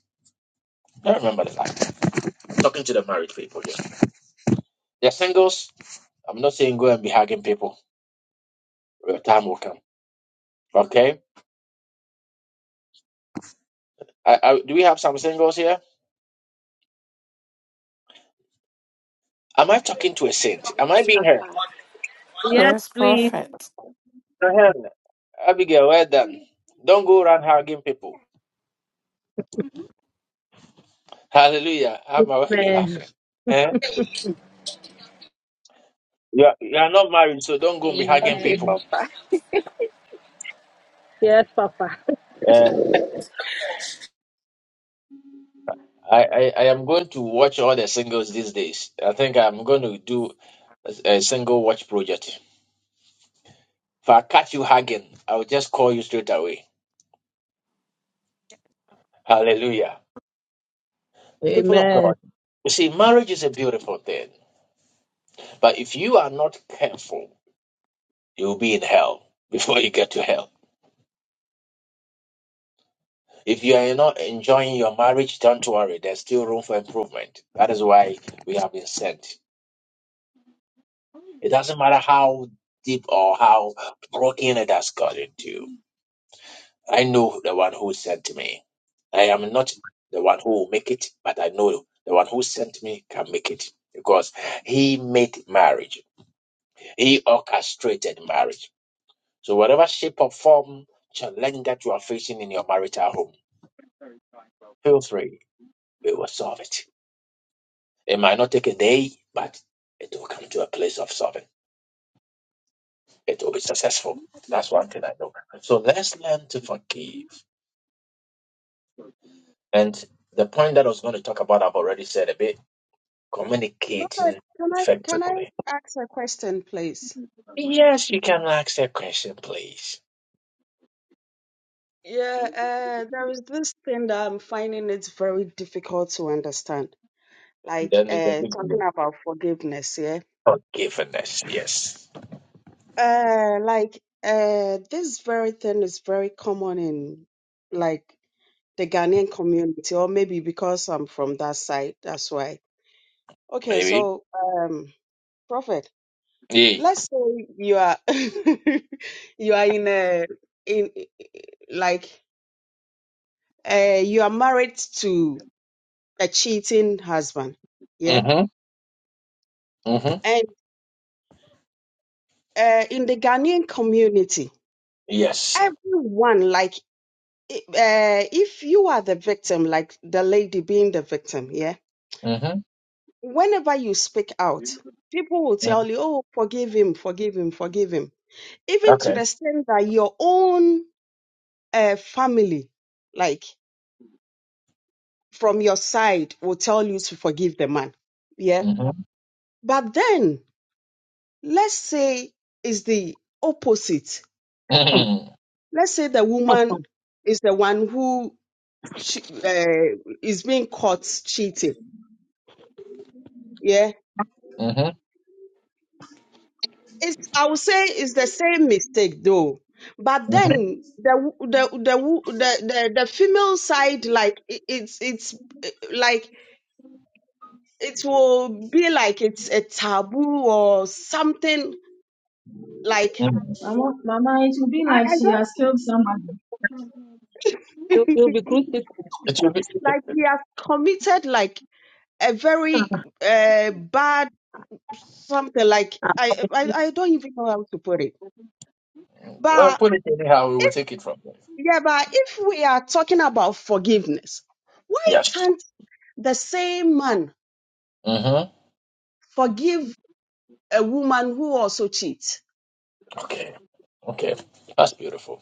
I don't remember the last. Talking to the married people here. They're singles. I'm not saying go and be hugging people. Your time will come. Okay. I, I, do we have some singles here? Am I talking to a saint? Am I being heard? Papa. Yes, Yes, please, prophet. Ahem. Abigail, well done. Don't go around hugging people. Mhm. Hallelujah. I'm already man. laughing. Eh? You are, you are not married, so don't go and be hugging Okay, people. Amen. Papa. Yes, Papa. Um, I, I, I am going to watch all the singles these days. I think I'm going to do a, a single watch project. If I catch you hugging, I'll just call you straight away. Hallelujah. People of Amen. God, you see, marriage is a beautiful thing, but if you are not careful, you'll be in hell before you get to hell. If you are not enjoying your marriage, don't worry, there's still room for improvement. That is why we have been sent. It doesn't matter how deep or how broken it has gotten to. I know the one who sent me. I am not the one who will make it, but I know the one who sent me can make it because he made marriage. He orchestrated marriage. So whatever shape or form challenge that you are facing in your marital home, feel free. We will solve it. It might not take a day, but it will come to a place of solving. It will be successful. That's one thing I know. So let's learn to forgive. And the point that I was going to talk about, I've already said a bit Robert, communicating can I can I effectively. ask a question, please? Yes, you can ask the question, please. Yeah, uh, there is this thing that I'm finding it's very difficult to understand. Like, Then it's a uh, big blow. talking about forgiveness, yeah. Forgiveness, yes. Uh, like, uh, this very thing is very common in like the Ghanaian community, or maybe because I'm from that side, that's why. Okay, Maybe. so, um, Prophet, Yeah. let's say you are you are in a in like uh you are married to. a cheating husband. Yeah. Mm-hmm. Mm-hmm. And uh, in the Ghanaian community, Yes. everyone, like, i- uh, if you are the victim, like the lady being the victim, yeah, Mm-hmm. whenever you speak out, people will tell Okay. you, oh, forgive him, forgive him, forgive him. Even to the extent that your own uh, family, like from your side, will tell you to forgive the man. Yeah. Mm-hmm. But then let's say it's the opposite Mm-hmm. let's say the woman is the one who che- uh, is being caught cheating. Yeah, Mm-hmm. it's I would say it's the same mistake though. But Mm-hmm. then the w- the the w- the the, the female side like it, it's it's eh, like it will be like it's a taboo or something like Mama, Mama, it will be I, like she has I killed somebody. don't You- You'll be crucified. It will be, it, like we have committed like a very uh, bad something like I, I I don't even know how to put it. uh, But put it anyhow, we will take it from there. yeah, but if we are talking about forgiveness, why Yes. can't the same man Mm-hmm. forgive a woman who also cheats? Okay. Okay. That's beautiful.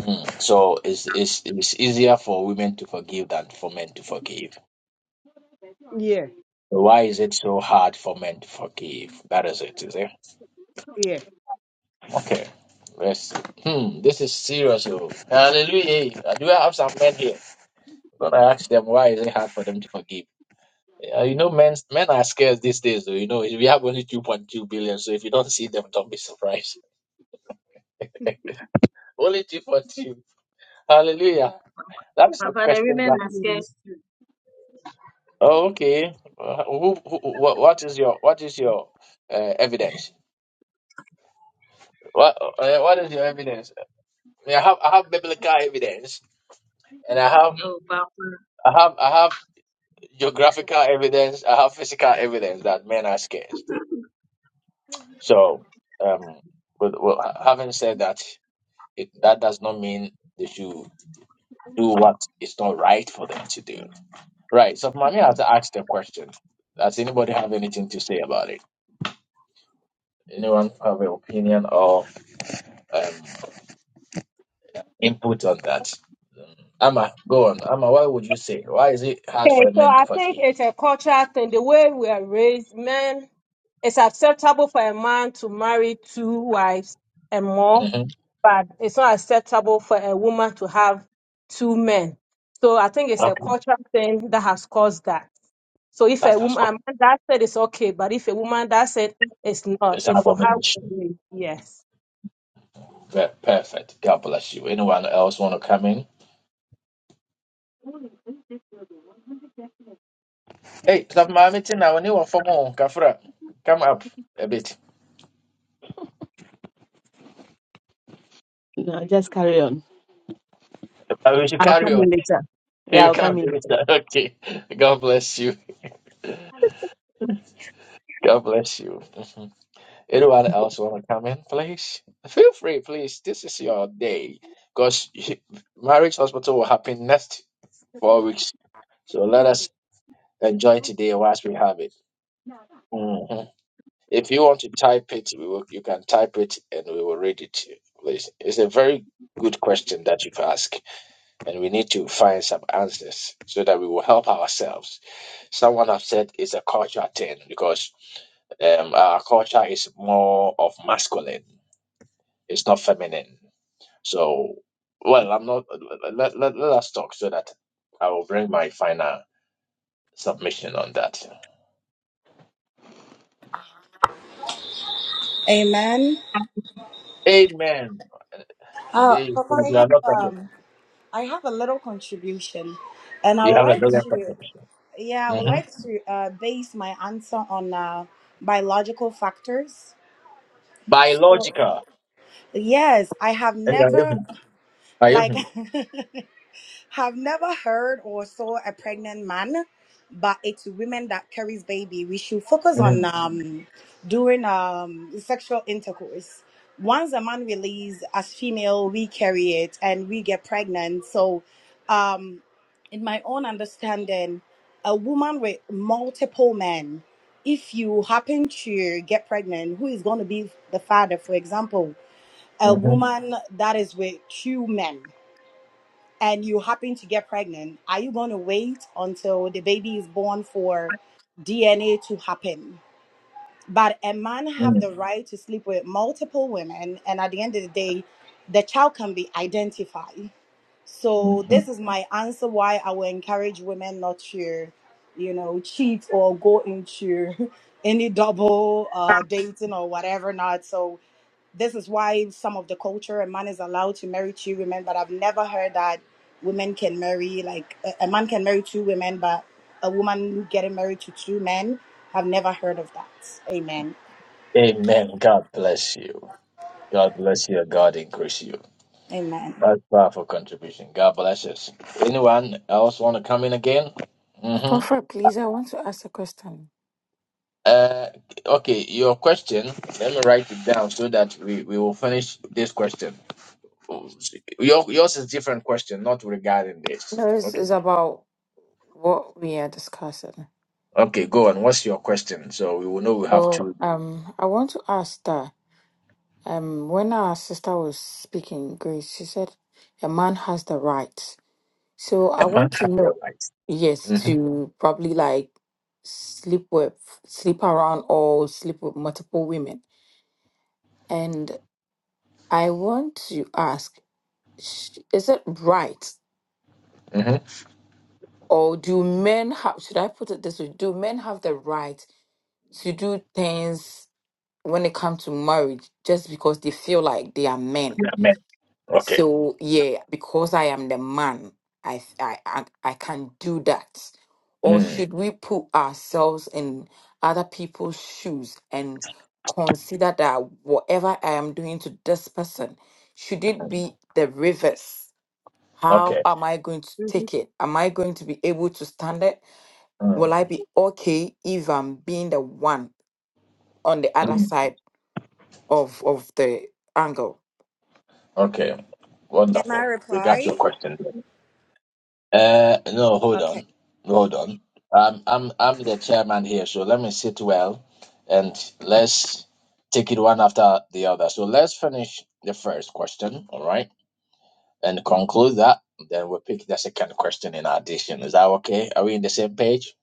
Mm. So it's, it's, it's easier for women to forgive than for men to forgive. Yeah, Why is it so hard for men to forgive? That is it, is it? yeah. Okay. Let's see. Hmm, this is serious. oh. Hallelujah. I do I have some men here. When I ask them why is it hard for them to forgive? Uh, you know, men men are scarce these days, though. You know, we have only 2.2 billion, so if you don't see them, don't be surprised. Only 2.2. Hallelujah. That is a Papa, the question. women That, are scared Amen. too. oh, okay. Uh, who, who, what, what is your what is your uh, evidence? What uh, what is your evidence? I have I have biblical evidence. And I have, Oh, Papa. I have, I have geographical evidence. I have physical evidence that men are scarce. So, um, with, well, having said that, it, that does not mean they should do what is not right for them to do. Right. So, Mami has asked the question. Does anybody have anything to say about it? Anyone have an opinion or um, input on that? Um, Amma, go on. Amma, why would you say? Why is it hard for Okay, a so man to I think forgive? it's a cultural thing. The way we are raised, men, it's acceptable for a man to marry two wives and more, hmm but it's not acceptable for a woman to have two men. So I think it's a Okay, cultural thing that has caused that. So if that, a that's woman a cool. man that said it's okay, but if a woman that said it's not, It's an it's from how we abomination. raised. Yes. Ve- Perfect. God bless you. Anyone else want to come in? Hey, stop my meeting now. Anyone for more? Kafra, come up a bit. No, just carry on. I wish you I'll carry come on. in later. Yeah, You I'll can come in finish that. Okay. God bless you. God bless you. Mhm. Anyone else want to come in, please? Feel free, please. This is your day because marriage hospital will happen next four weeks. So let us enjoy today whilst we have it. Mm-hmm. If you want to type it, we will, you can type it and we will read it, please. It's a very good question that you've asked, and we need to find some answers so that we will help ourselves. Someone have said it's a culture thing because um, our culture is more of masculine, it's not feminine. So, well, I'm not, let, let, let us talk so that I will bring my final submission on that. Amen. Amen. Uh, Today, Papa, I you are have not talking. um, I have a little contribution, and I You would have a like brilliant to, contribution. yeah, I would hmm like to uh, base my answer on uh, biological factors. So, biological. yes, I have And I never even- I like Have never heard or saw a pregnant man, but it's women that carries baby. We should focus on mhm, um during um sexual intercourse. Once a man release as female, we carry it and we get pregnant. So um in my own understanding, a woman with multiple men, if you happen to get pregnant, who is going to be the father? For example, a mhm, woman that is with two men and you happen to get pregnant, are you going to wait until the baby is born for DNA to happen? But a man have the mhm, right to sleep with multiple women, and at the end of the day, the child can be identified. So mhm. this is my answer why I will encourage women not to, you know, cheat or go into any double uh, dating or whatever not. So this is why some of the culture a man is allowed to marry two women but i've never heard that women can marry like a, a man can marry two women but a woman getting married to two men i've never heard of that amen Amen. God bless you. God increase you. amen That's powerful contribution. God bless. Anyone else want to come in again? hmm Prophet, please, I want to ask a question. Uh, okay, your question. Let me write it down so that we, we will finish this question. Your, yours is different question, not regarding this. No, it's, Okay. it's about what we are discussing. Okay, go on. What's your question? So we will know we have So to. um, I want to ask that um, when our sister was speaking, Grace, she said a man has the right. So I A man want to have the know, right. yes, Mm-hmm. to probably like sleep with, sleep around, or sleep with multiple women. And I want to ask, sh- is it right, Mm-hmm. or do men have? Should I put it this way? Do men have the right to do things? when it comes to marriage just because they feel like they are men. Yeah, man. Okay. So yeah, because I am the man, I I I, I can do that. Or Mm. should we put ourselves in other people's shoes and consider that whatever I am doing to this person, should it be the reverse? Okay. How am I going to Mhm. take it? Am I going to be able to stand it? Mm, Will I be okay if I'm being the one on the other Yeah. side of of the angle. Okay, Can I wonderful. We reply? Mm. got your question. Uh, no, hold Okay. on, hold on. Um, I'm I'm the chairman here, so let me sit well, and let's take it one after the other. So let's finish the first question, all right, and conclude that. Then we'll pick the second question in addition. Is that okay? Are we in the same page?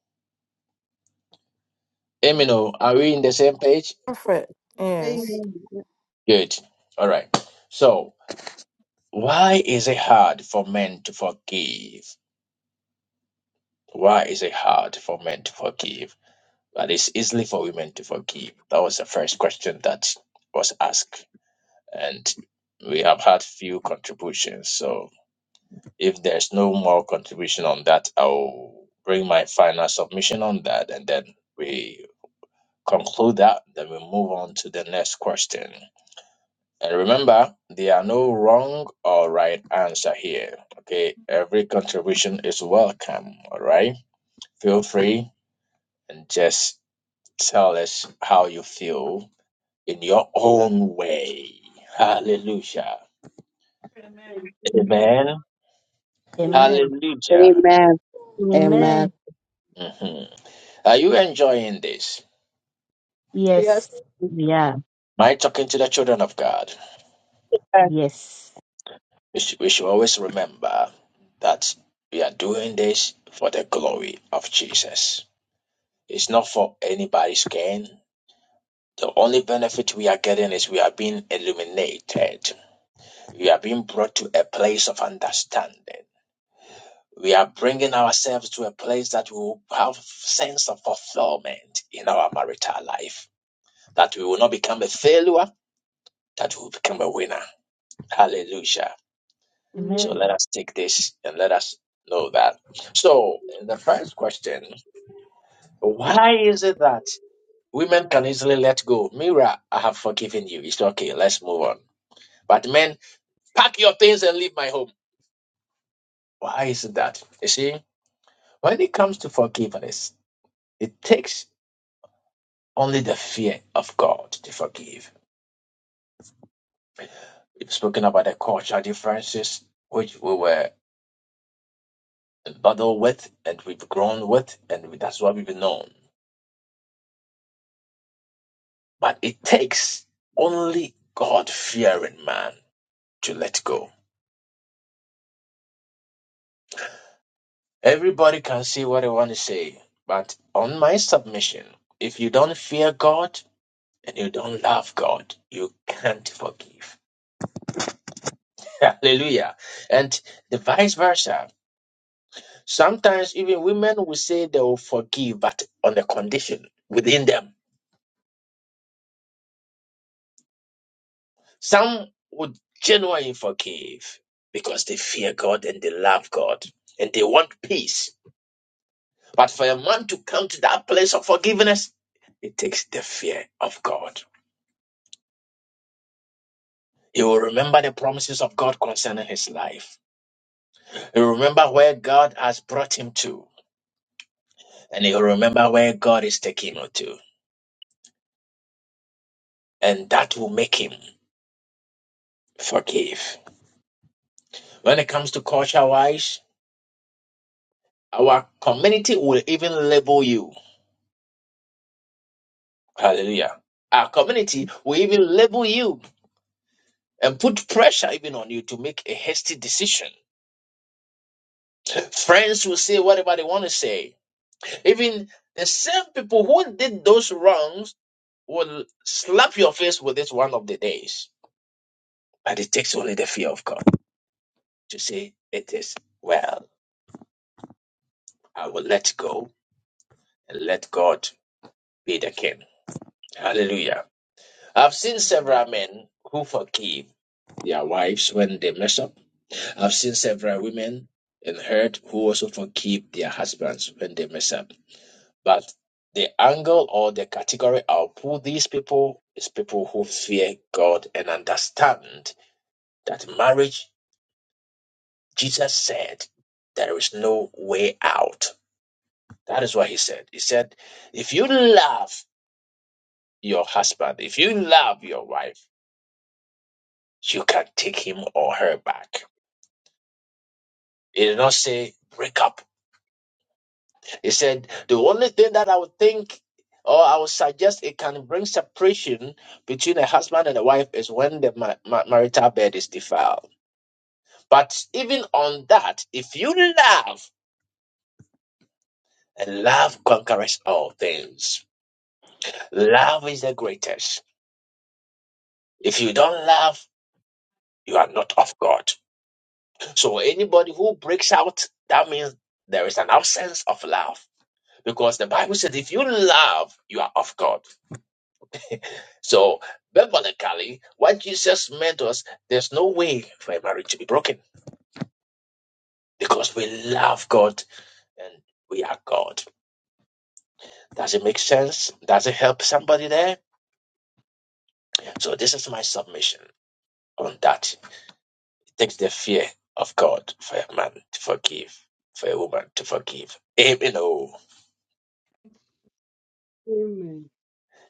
Yes. Emino, are we in the same page? Prophet, Amen. Amen. yes, later. Good. All right. So why is it hard for men to forgive? Why is it hard for men to forgive? But it's easily for women to forgive. That was the first question that was asked. And we have had few contributions. So if there's no more contribution on that, I'll bring my final submission on that and then we conclude that. Then we move on to the next question. And remember, there are no wrong or right answer here. Okay, every contribution is welcome. All right, feel free and just tell us how you feel in your own way. Hallelujah. Amen. Amen. Amen. Amen. Amen. Amen. Hallelujah. Amen. Amen. Amen. hmm Are you enjoying this? Yes. Yes. Yeah. My talking to the children of God. Yes. We should, we should always remember that we are doing this for the glory of Jesus. It's not for anybody's gain. The only benefit we are getting is we are being illuminated. We are being brought to a place of understanding. We are bringing ourselves to a place that we will have sense of fulfillment in our marital life. That we will not become a failure, that we will become a winner. Hallelujah. So Amen. Amen. let us take this and let us know that. So the first question, why is it that women can easily let go? Mira, I have forgiven you. It's okay. Let's move on. But men, pack your things and leave my home. Why is it that? You see, when it comes to forgiveness, it takes Only the fear of God to forgive. We've spoken about the cultural differences which we were battled with and we've grown with, and that's what we've known. But it takes only God fearing man to let go. Everybody can say what they want to say, but on my submission, if you don't fear God and you don't love God, you can't forgive. Hallelujah. And the vice versa. Sometimes even women will say they will forgive, but on the condition within them. Some would genuinely forgive because they fear God and they love God and they want peace. But for a man to come to that place of forgiveness, it takes the fear of God. He will remember the promises of God concerning his life. He will remember where God has brought him to, and he will remember where God is taking him to. And that will make him forgive. When it comes to culture wise, Our community will even label you. Hallelujah. Our community will even label you and put pressure even on you to make a hasty decision. Friends will say whatever they want to say. Even the same people who did those wrongs will slap your face with it one of the days. But it takes only the fear of God to say, It is well. I will let go and let God be the king. Hallelujah. I've seen several men who forgive their wives when they mess up. I've seen several women and heard who also forgive their husbands when they mess up. But the angle or the category I'll pull these people is people who fear God and understand that marriage, Jesus said, there is no way out. That is what he said. He said, if you love your husband, if you love your wife, you can take him or her back. He did not say break up. He said the only thing that I would think or I would suggest it can bring separation between a husband and a wife is when the ma- ma- marital bed is defiled. But even on that, if you love, and love conquers all things, love is the greatest. If you don't love, you are not of God. So anybody who breaks out, that means there is an absence of love. Because the Bible says if you love, you are of God. So, biblically, what Jesus meant was there's no way for a marriage to be broken because we love God and we are God. Does it make sense? Does it help somebody there? So, this is my submission on that. It takes the fear of God for a man to forgive, for a woman to forgive. Amen. Oh, Amen.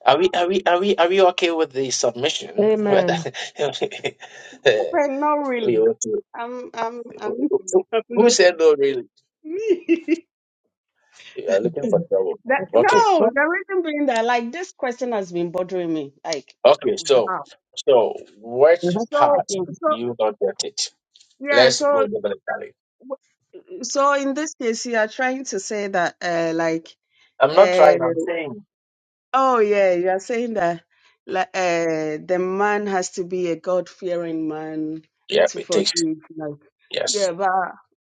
Are we are we are we are we okay with the submission? Whether- Amen. But not we really. want to- I'm I'm I'm, who I'm said no? Really, not you are looking for trouble. That, Amen. Okay. no, the reason being that like this question has been bothering me. Like, Okay, so how? so which So, part so you not get it? yeah. Let's go So, biblically. so in this case, you are trying to say that, uh, like, I'm not uh, trying. I'm saying, oh yeah, you are saying that, like, uh, the man has to be a God-fearing man yeah, to it takes forgive. Like, yes. yeah, but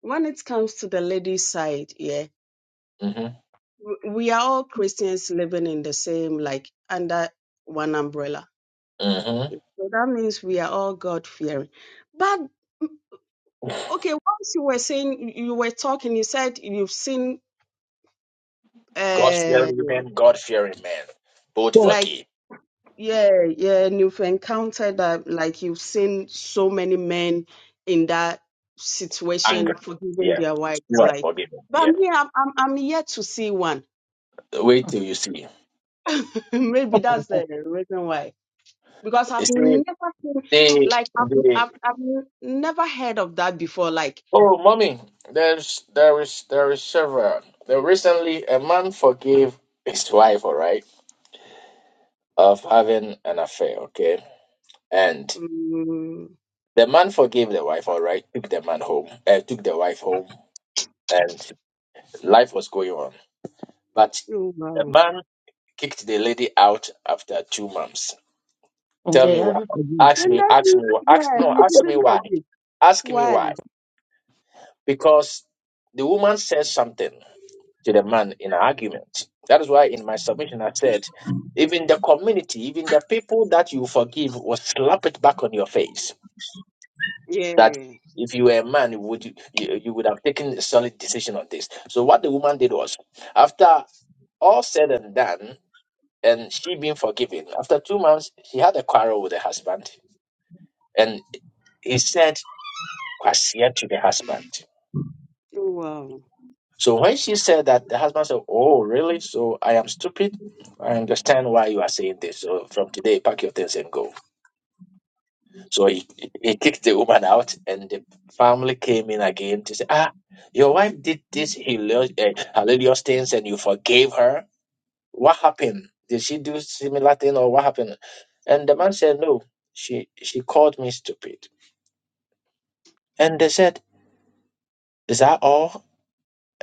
when it comes to the lady side, yeah, hmm w- we are all Christians living in the same, like, under one umbrella hmm So that means we are all God fearing. But okay, once you were saying you were talking, you said you've seen God uh fearing men, God fearing men, both like forgive yeah, yeah, and you've encountered that like you've seen so many men in that situation anger. forgiving Yeah, their wives, you are like forgiven. but Yeah, me, I'm I'm, I'm yet to see one. wait till you see. Maybe that's the reason why. Because You I've see, never seen they like I've they. I've, I've never heard of that before. Like Oh, mommy, there's there is there is several. There recently, a man forgave his wife, all right, of having an affair. Okay, and mm, The man forgave the wife, all right, took the man home, uh, took the wife home, and life was going on. But oh, the wow. man kicked the lady out after two months. And Tell they me have why. it forgive. Ask Then me, that ask me, means, wh- ask, yeah, no, he ask me didn't why. forgive. Ask me Why? why. Because the woman says something to the man in an argument. That is why in my submission I said, even the community, even the people that you forgive will slap it back on your face. that Yeah. if you were a man, would you, you you would have taken a solid decision on this. So what the woman did was, after all said and done, and she being forgiven, after two months, she had a quarrel with her husband, and he said "Kwasia" to the husband. Oh, wow. So when she said that, the husband said, "Oh, really? So I am stupid. I understand why you are saying this. So from today, pack your things and go." So he, he kicked the woman out, and the family came in again to say, Ah, your wife did this hilarious, uh, hilarious things and you forgave her. What happened? Did she do similar thing or what happened? And the man said, No, she, she called me stupid. And they said, Is that all?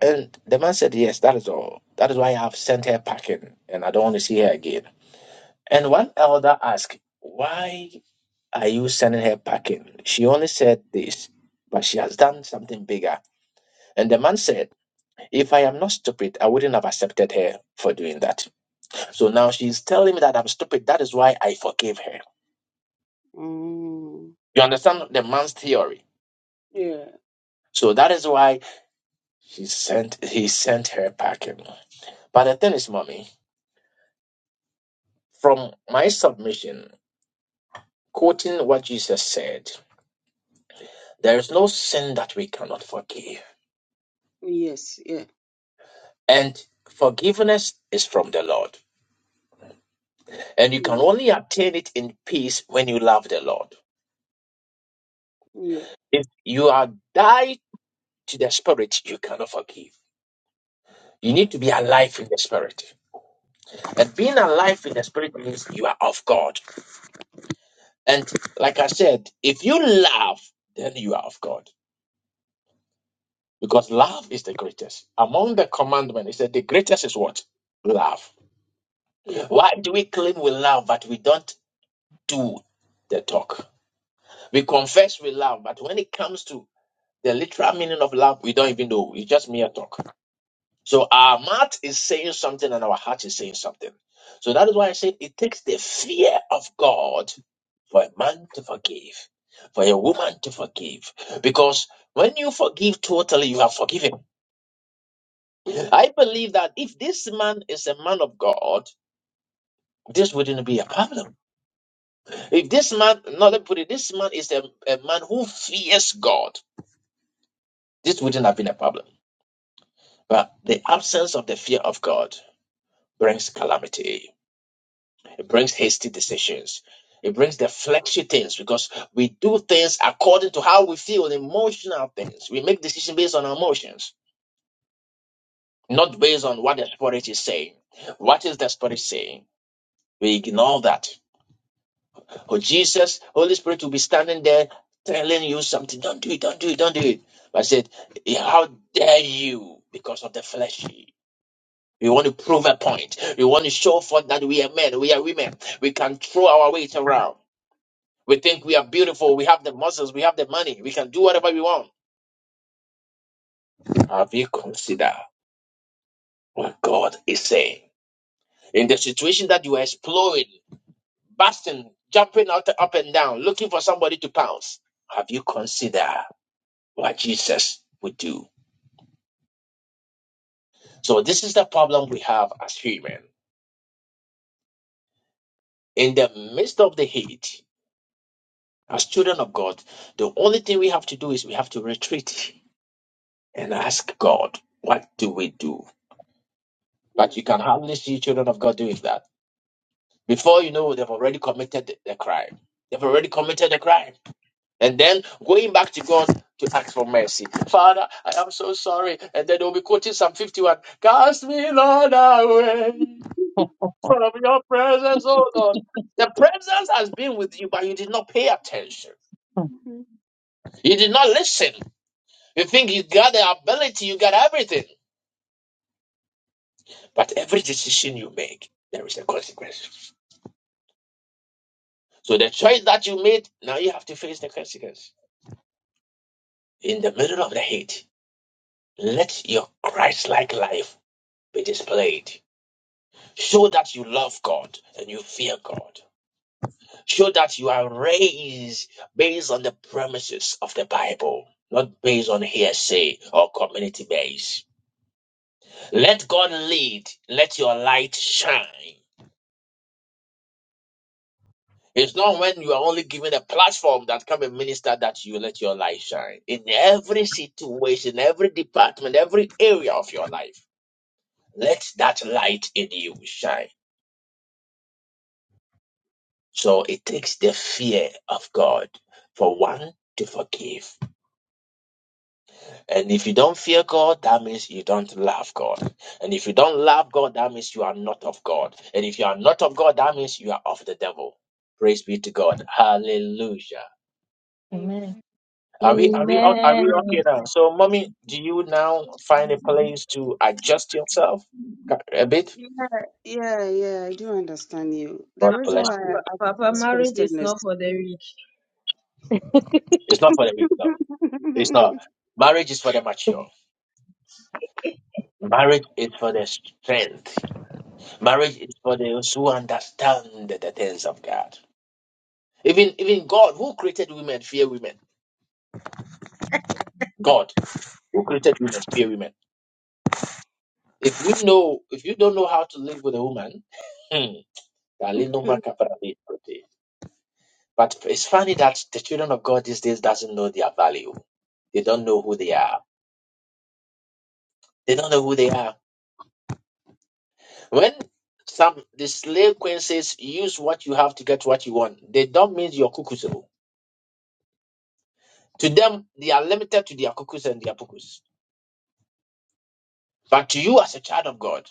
And the man said, Yes, that is all. That is why I have sent her packing and I don't want to see her again. And one elder asked, Why are you sending her packing? She only said this, but she has done something bigger. And the man said, If I am not stupid, I wouldn't have accepted her for doing that. So now she's telling me that I'm stupid. That is why I forgave her. Mm. You understand the man's theory? Yeah. So that is why she sent he sent her packing. But the thing is, mommy, from my submission, quoting what Jesus said, there is no sin that we cannot forgive. Yes. Yeah. And forgiveness is from the Lord. And you can Mm. only obtain it in peace when you love the Lord. Yeah. If you are died to the spirit, you cannot forgive. You need to be alive in the spirit. And being alive in the spirit means you are of God. And like I said, if you love, then you are of God. Because love is the greatest. Among the commandments, he said the greatest is what? Love. Yeah. Why do we claim we love, but we don't do the talk? We confess we love, but when it comes to the literal meaning of love, we don't even know. It's just mere talk. So our mouth is saying something and our heart is saying something. So that is why I said it takes the fear of God for a man to forgive, for a woman to forgive. Because when you forgive totally, you are forgiven. Mm-hmm. I believe that if this man is a man of God, this wouldn't be a problem. If this man, not let me put it, this man is a, a man who fears God, this wouldn't have been a problem. But the absence of the fear of God brings calamity. It brings hasty decisions. It brings the fleshy things because we do things according to how we feel, the emotional things. We make decisions based on our emotions, not based on what the Spirit is saying. What is the Spirit saying? We ignore that. Oh, Jesus, Holy Spirit will be standing there telling you something. Don't do it, don't do it, don't do it. But I said, How dare you because of the fleshy? We want to prove a point. We want to show forth that we are men, we are women. We can throw our weight around. We think we are beautiful. We have the muscles. We have the money. We can do whatever we want. Have you considered what God is saying? In the situation that you are exploring, busting, jumping out, up and down, looking for somebody to pounce, have you considered what Jesus would do? So, this is the problem we have as human. In the midst of the heat, as children of God, the only thing we have to do is we have to retreat and ask God, what do we do? Yeah. But you can hardly see children of God doing that Before you know, they've already committed the, the crime. They've already committed the crime. And then going back to God to ask for mercy. Father, I am so sorry. And then they'll be quoting Psalm 51. Cast me, Lord, away from your presence, oh Lord. The presence has been with you, but you did not pay attention. hmm You did not listen. You think you got the ability, you got everything. But every decision you make, there is a consequence. So the choice that you made, now you have to face the consequence in the middle of the heat. Let your Christ like life be displayed. Show that you love God and you fear God. Show that you are raised based on the premises of the Bible, not based on hearsay or community base. Let God lead. Let your light shine. It's not when you are only given a platform that can be ministered that you let your light shine. In every situation, every department, every area of your life, let that light in you shine. So it takes the fear of God for one to forgive. And if you don't fear God, that means you don't love God. And if you don't love God, that means you are not of God. And if you are not of God, that means you are of the devil. Praise be to God. Hallelujah. Amen. Amen. Are we are we o- are we Amen. okay now? So, mommy, do you now find a place to adjust yourself ca- a bit? Yeah. Yeah. Yeah. I do understand you. The God reason bless why Pa- I you. pa- asked Papa, this marriage is question not is. for the weak. It's not for the weak, no. It's not. Marriage is for the mature. Marriage is for the strength. Marriage is for those who understand the things of God. Even even God, who created women, fear women. God, who created women, fear women. If we know, if you don't know how to live with a woman, hmm, dali no maka para de prote. but it's funny that the children of God these days doesn't know their value. They don't know who they are. They don't know who they are. When some the slave queen says, "Use what you have to get what you want," they don't mean your cuckoos. oh. To them, they are limited to their cuckoos and their pukus. But to you, as a child of God.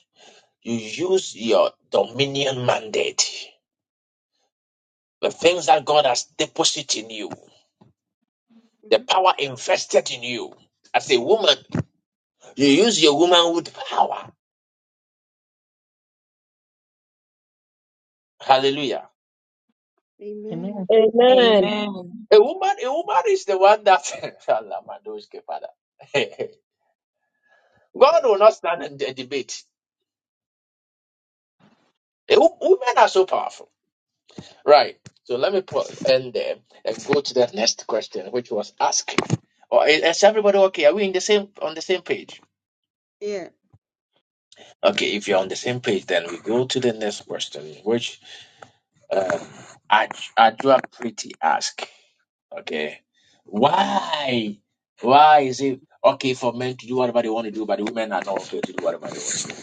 You use your dominion mandate, the things that God has deposited in you, the Mhm. power invested in you. As a woman, you use your womanhood power. Hallelujah. Amen. Amen. Amen. A woman, a woman is the one that Allah, my nose, okay, Father. God will not stand in the debate. A wo- Women are so powerful. Right. So let me put end there and go to the next question, which was asked. Or is is everybody okay? Are we in the same on the same page? Yeah. Okay, if you're on the same page, then we go to the next question, which uh, Aj- Pretty ask. Okay, why? Why is it okay for men to do whatever they want to do, but women are not okay to do whatever they want to do?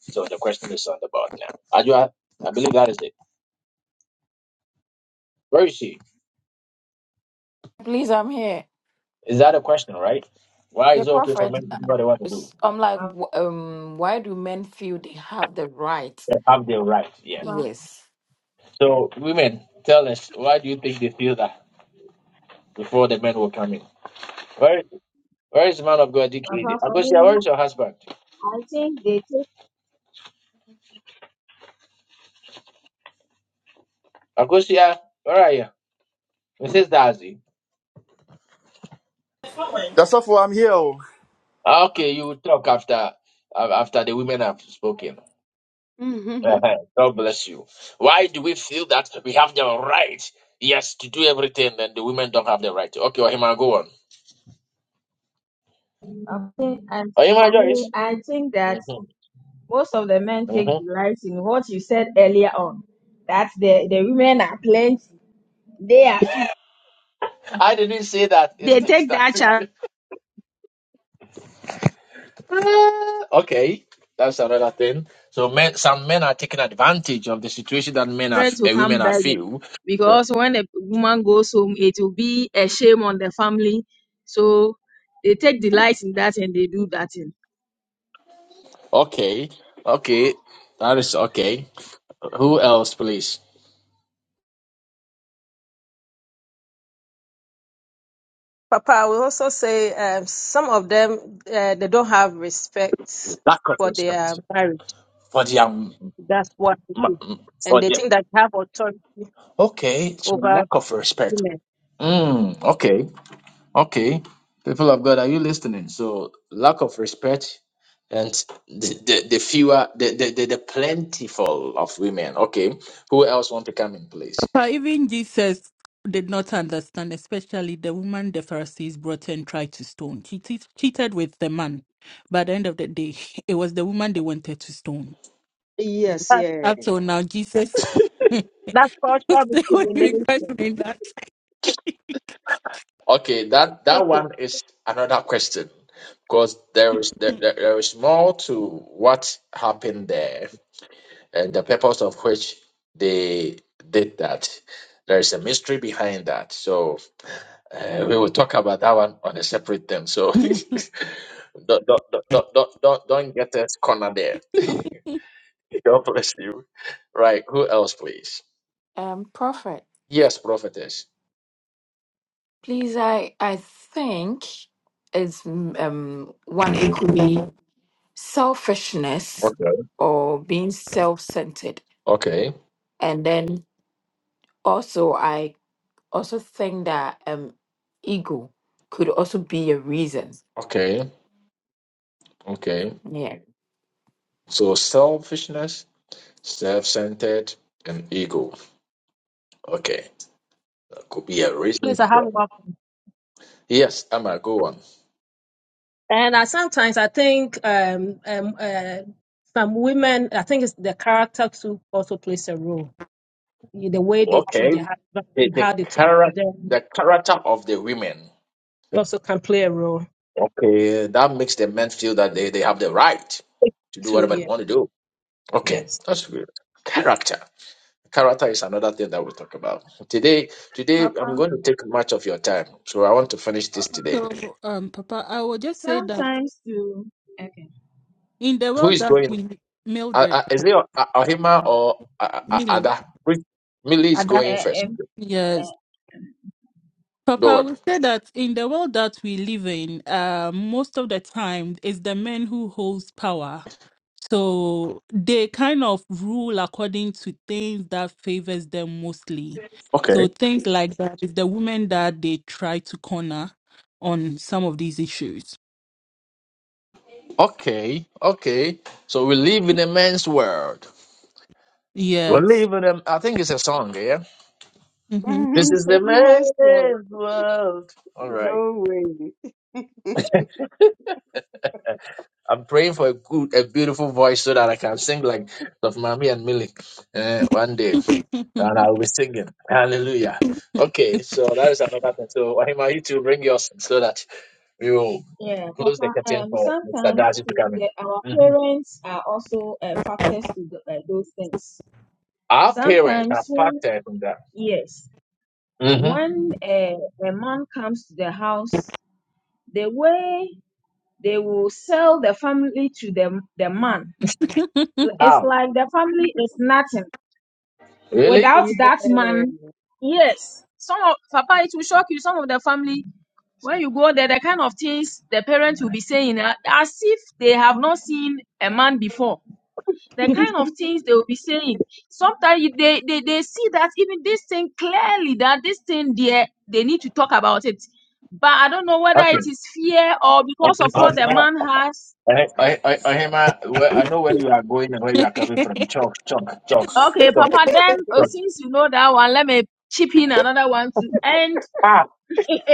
So the question is on the board now. Ajwa, I believe that is it. Where is she? please, I'm here. Is that a question, right? Why Yeah, is it okay for prophet. men to uh, do what they want to do? it's- I'm like, Papa, w- um, why do men feel they have the right? They have their right, yeah. Papa, Yes. So, women, tell us, why do you think they feel that before the men will come in? Where is the man of God, DKD? for Agosia, where me, is your husband? I think they take, Agosia, where are you? Mrs. Darcy. That's all for I'm here. oh. Ah, Okay, you will talk after af- after the women have spoken. hmm Uh-huh. God bless you. Why do we feel that we have the right, yes, to do everything, and the women don't have the right? Okay, go on. I think, and Are you my for me, Joyce? I think that Mm-hmm. most of the men take Mm-hmm. delight in what you said earlier on. That the, the women are plenty They are few. I didn't say that. It's They the take that statistics. children okay, that's another thing. So men, some men are taking advantage of the situation that men are, to uh, come women are begging feel. because when a woman goes home, it will be a shame on the family. So they take delight in that and they do that thing. Okay, okay, that is okay. Who else, please? Papa, we also say um, some of them uh, they don't have respect Lack of for their respect marriage. for the um, That's what it m- is, m- and for they the think that they have authority okay, so over lack of respect. women. Mm, okay, okay. People of God, are you listening? So lack of respect and the the, the fewer the, the the the plentiful of women. Okay, who else want to come in, please? But even Jesus did not understand, especially the woman the Pharisees brought and tried to stone. She te- cheated with the man. By the end of the day, it was the woman they wanted to stone. Yes. That, Yeah. Up till now, Jesus. they that's cultural were even discrimination. questioning that. Okay, that that one is another question because there is there, there there is more to what happened there and the purpose of which they did that. There is a mystery behind that. So uh, we will talk about that one on a separate thing. So don't, don't, don't, don't, don't, don't don't get us cornered there. Right. Who else, please? Um, Prophet, please, I I think it's um one. It could be selfishness or being self-centered, and then also I also think that um ego could also be a reason. Okay. Yeah. So selfishness, self centered, and ego. Okay. That could be a Please, reason. I have one. Yes, Emma, go on. And I, sometimes I think um, um, uh, some women, I think it's the character too also plays a role. The way they treat Okay. their husband, The, how the, they talk to character, them, the character of the women. It also can play a role. Okay. That makes the men feel that they, they have the right. to do too. whatever they yeah, want to do. Okay, yes. that's good. Character. Character is another thing that we'll talk about. Today, today I'm Papa, going to take much of your time, so I want to finish this Papa. today. So, um, Papa, I will just say that. Sometimes too. Okay. in the Who world is that going? we Uh, Mildred, uh, is it Ah- Ahima or uh, uh, Millie, Ada? Which- Millie is Ada. going Uh, first. um, Yes. uh, Papa, Go I on. would say that in the world that we live in, uh, most of the time it's the men who holds power. So they kind of rule according to things that favors them mostly. Okay. So things like that is the women that they try to corner on some of these issues. Okay. Okay. So we live in a man's world. We Yes. live in a. I think it's a song. Yeah. hmm This it's is the a woman's world. man's world. All right. No way. I'm praying for a good, a beautiful voice so that I can sing like of Mami and Millie uh, one day, and I'll be singing. Hallelujah. Okay, so that is another thing. So Wahima, you two bring yours so that we will yeah, close the Papa. curtain Um, for Mr. sometimes Darcy to too, come in. the, our Mhm. parents are also uh, factors to the, uh, those things. Our parents are Sometimes when factored in that. yes, Mm-hmm. when uh, a man comes to the house, the way They will sell the family to the, the man. It's How? like the family is nothing. Really? Without Yeah. that man, yes. Some of Papa, it will shock you. Some of the family, when you go there, the kind of things the parents will be saying, uh, as if they have not seen a man before. The kind of things they will be saying. Sometimes you- they, they, they see that even this thing clearly, that this thing there, they need to talk about it. But I don't know whether Okay. it is fear or because of Uh, what the now, man has I, I, I, Ohima, where- I know where you are going and where you are coming from. Chalk, chalk, chalk, Okay, chalk, Papa, then uh, chalk. since you know that one, let me chip in another one to end. Ah.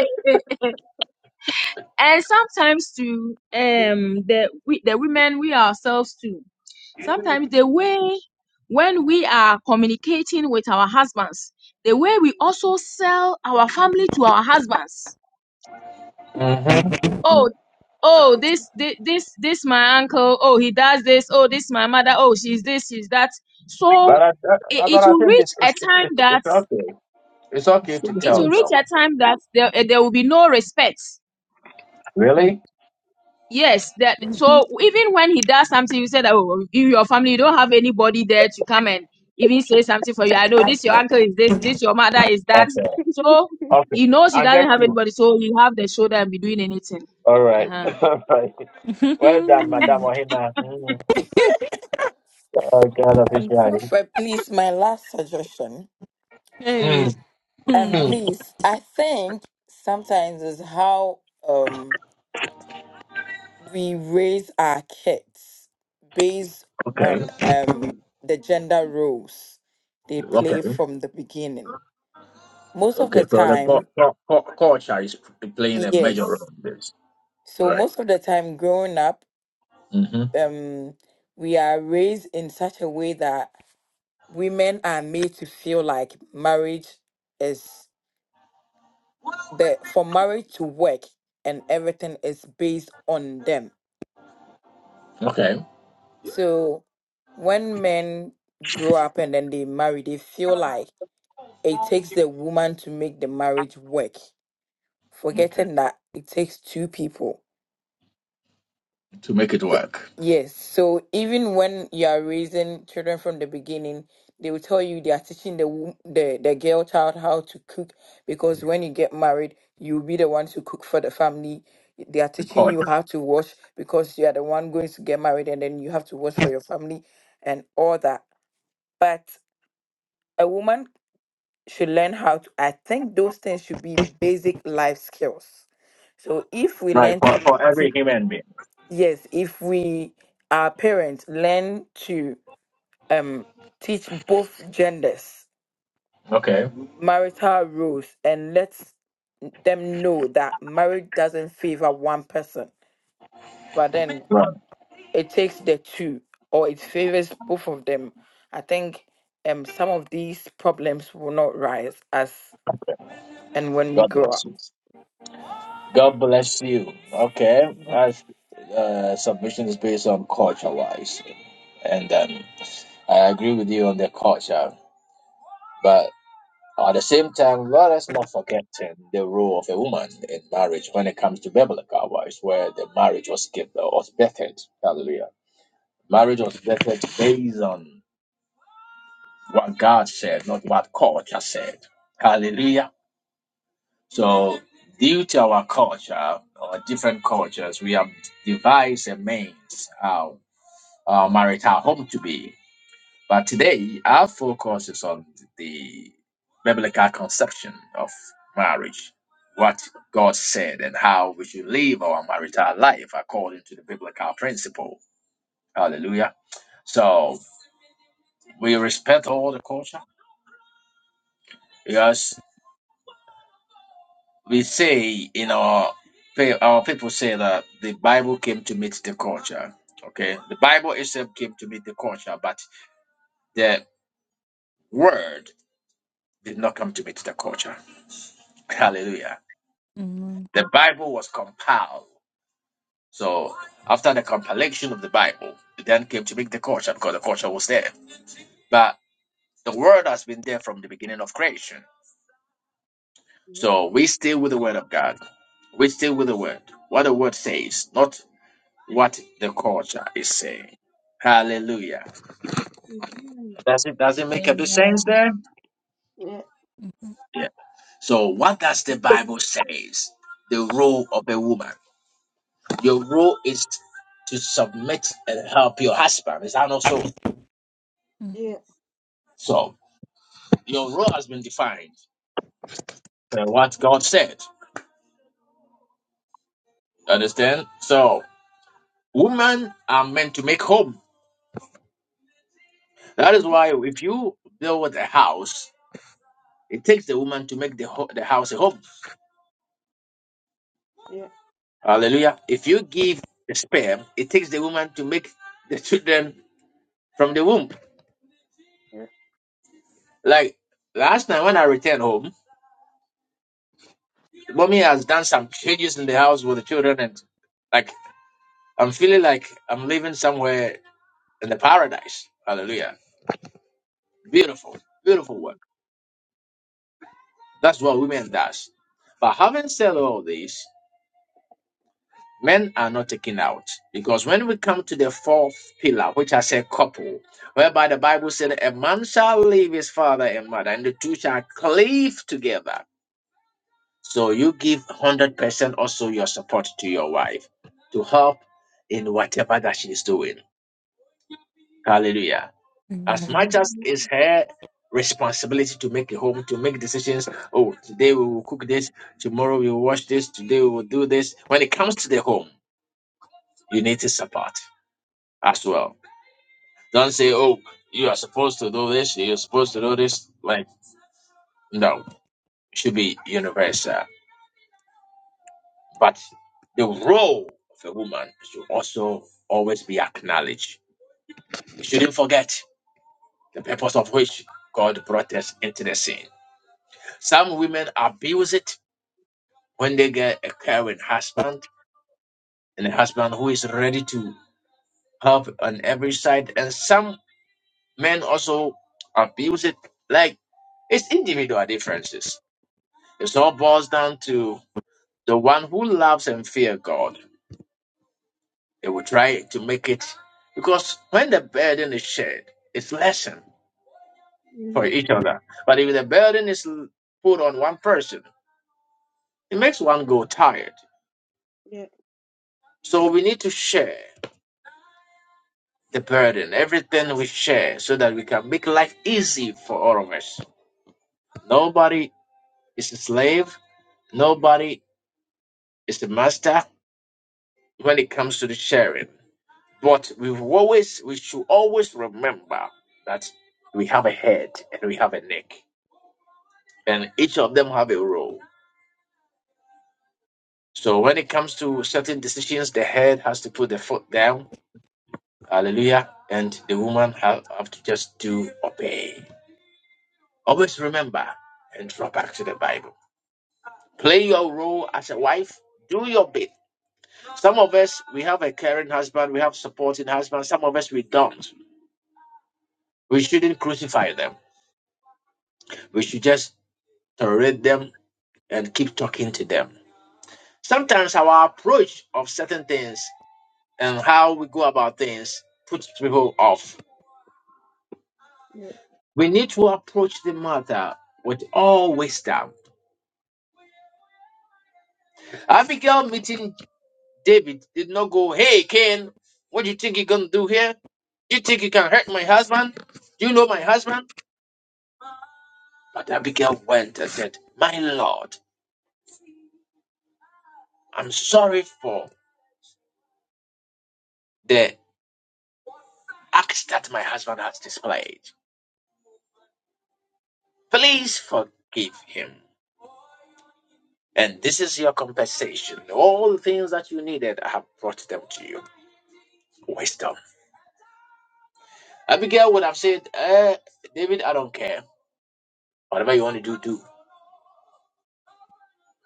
and sometimes too, um, the we the women we ourselves too. Sometimes the way when we are communicating with our husbands, the way we also sell our family to our husbands. Oh, oh, this this this this my uncle. Oh, he does this. Oh, this my mother. Oh, she's this, she's that. So But I, it, I, I it thought I will think reach it's, a it's, time it's, it's that okay. It's It's okay still to the it tell will first. reach you. a time that there, eh, there will be no respect. Oh, Really? Yes, that so even when he does something, you said that oh, in your family you don't have anybody there to come and even say something for you. I know this your uncle is this, this your mother is that. Okay. So Okay. he knows he I doesn't get have you. anybody, so he have the shoulder and be doing anything. All right. Uh-huh. All right. Well done, Madame Ohima. Mm. Oh, God of Um, Israel. Prophet, please, my last suggestion. Hey. Mm. Um, Mm. please, I think sometimes is how. um. we raise our kids based Okay. on um the gender roles they Okay. play from the beginning. Most of Okay. the So the co- time, co- co- culture is playing a major role yes. in this. So Right. most of the time growing up, Mm-hmm. um we are raised in such a way that women are made to feel like marriage is the for marriage to work and everything is based on them. So when men grow up and then they marry, they feel like it takes the woman to make the marriage work, forgetting that it takes two people. Yes, so even when you are raising children from the beginning, they will tell you they are teaching the wo- the the girl child how to cook because when you get married, you'll be the one to cook for the family. They are teaching you Culture. how to wash because you are the one going to get married and then you have to wash for your family and all that. But a woman should learn how to, I think those things should be basic life skills So if we Right. learn For, to, for to every human being. yes, if we our parents learn to um teach both genders Okay. marital rules and let them know that marriage doesn't favor one person, but then Right. it takes the two or it favors both of them. I think um some of these problems will not rise as and when we God grow bless up. you. God bless you. Okay. That's. uh, submission is based on culture wise. And um, I agree with you on the culture. But at the same time, let us not forget um, the role of a woman in marriage when it comes to biblical wise, where the marriage was given, was bettered. Hallelujah. Marriage was bettered based on what God said, not what culture said. Hallelujah. So, due to our culture, or different cultures, we have devised a means how our marital home to be. But today, our focus is on the biblical conception of marriage, what God said, and how we should live our marital life according to the biblical principle. Hallelujah. So we respect all the culture Yes, we say in our pe- our people say that the Bible came to meet the culture. Okay, the Bible itself came to meet the culture, but the word did not come to meet the culture. Hallelujah. The Bible was compiled. So after the compilation of the Bible, it then came to make the culture because the culture was there. But the word has been there from the beginning of creation. Yeah. So we stay with the word of God. We stay with the word. What the word says, not what the culture is saying. Hallelujah. Mhm. Does not make a bit sense? Amen. Yeah. Yeah. So what does the Bible says? The role of a woman. Your role is to submit and help your husband. Is that not so? Mhm. Yeah. So your role has been defined. what God said. Understand? So women are meant to make home. That is Mhm. why if you build a house, it takes the woman to make the ho- the house a home. Yeah. Hallelujah. If you give the sperm, it takes the woman to make the children from the womb. Yeah. Like last night when I returned home, mommy has done some changes in the house with the children and like I'm feeling like I'm living somewhere in the paradise. Hallelujah. Beautiful. Beautiful work. Mhm. That's what women does. But having said all this, men are not taken out because when we come to the fourth pillar, which I said couple, whereby the Bible said a man shall leave his father and mother, and the two shall cleave together. So you give one hundred percent also your support to your wife to help in whatever that she's doing. Hallelujah. As Amen. much Amen. as it's Mhm. her responsibility to make a home, to make decisions. Oh, today we will cook this, tomorrow we will wash this, today we will do this. When it comes to the home, you need to support as well. Don't say, oh, you are supposed to do this, you're supposed to do this. Like, no, it should be universal. But the role of a woman should also always be acknowledged. We shouldn't forget the purpose of which God brought us into the scene. Some women abuse it When they get a caring husband and a husband who is ready to help on every side, and some men also abuse it, like it's individual differences. It all boils down to the one who loves and fear God. They will try to make it because when the burden is shared, it's lessened for Mhm. each other. But if the burden is put on one person, it makes one go tired. Yeah. So we need to share. the burden, everything we share, so that we can make life easy for all of us. Nobody is a slave, nobody is a master when it comes to the sharing. But we always, we should always remember that we have a head and we have a neck, and each of them have a role. So when it comes to certain decisions, the head has to put the foot down, hallelujah, and the woman have, have to just do obey. Always remember and draw back to the Bible. Play your role as a wife. Do your bit. Some of us, we have a caring husband, we have supporting husband. Some of us, we don't. We shouldn't crucify them. We should just tolerate them and keep talking to them. Sometimes our approach of certain things and how we go about things puts people off. Yeah. We need to approach the matter with all wisdom. Abigail meeting David did not go, Hey, Cain, what do you think you're going to do here? Do you think you can hurt my husband? Do you know my husband? But Abigail went and said, My Lord, I'm sorry for the act that my husband has displayed. Please forgive him. And this is your compensation. All the things that you needed, I have brought them to you. Wisdom. Abigail would have said, eh, David, I don't care. Whatever you want to do, do.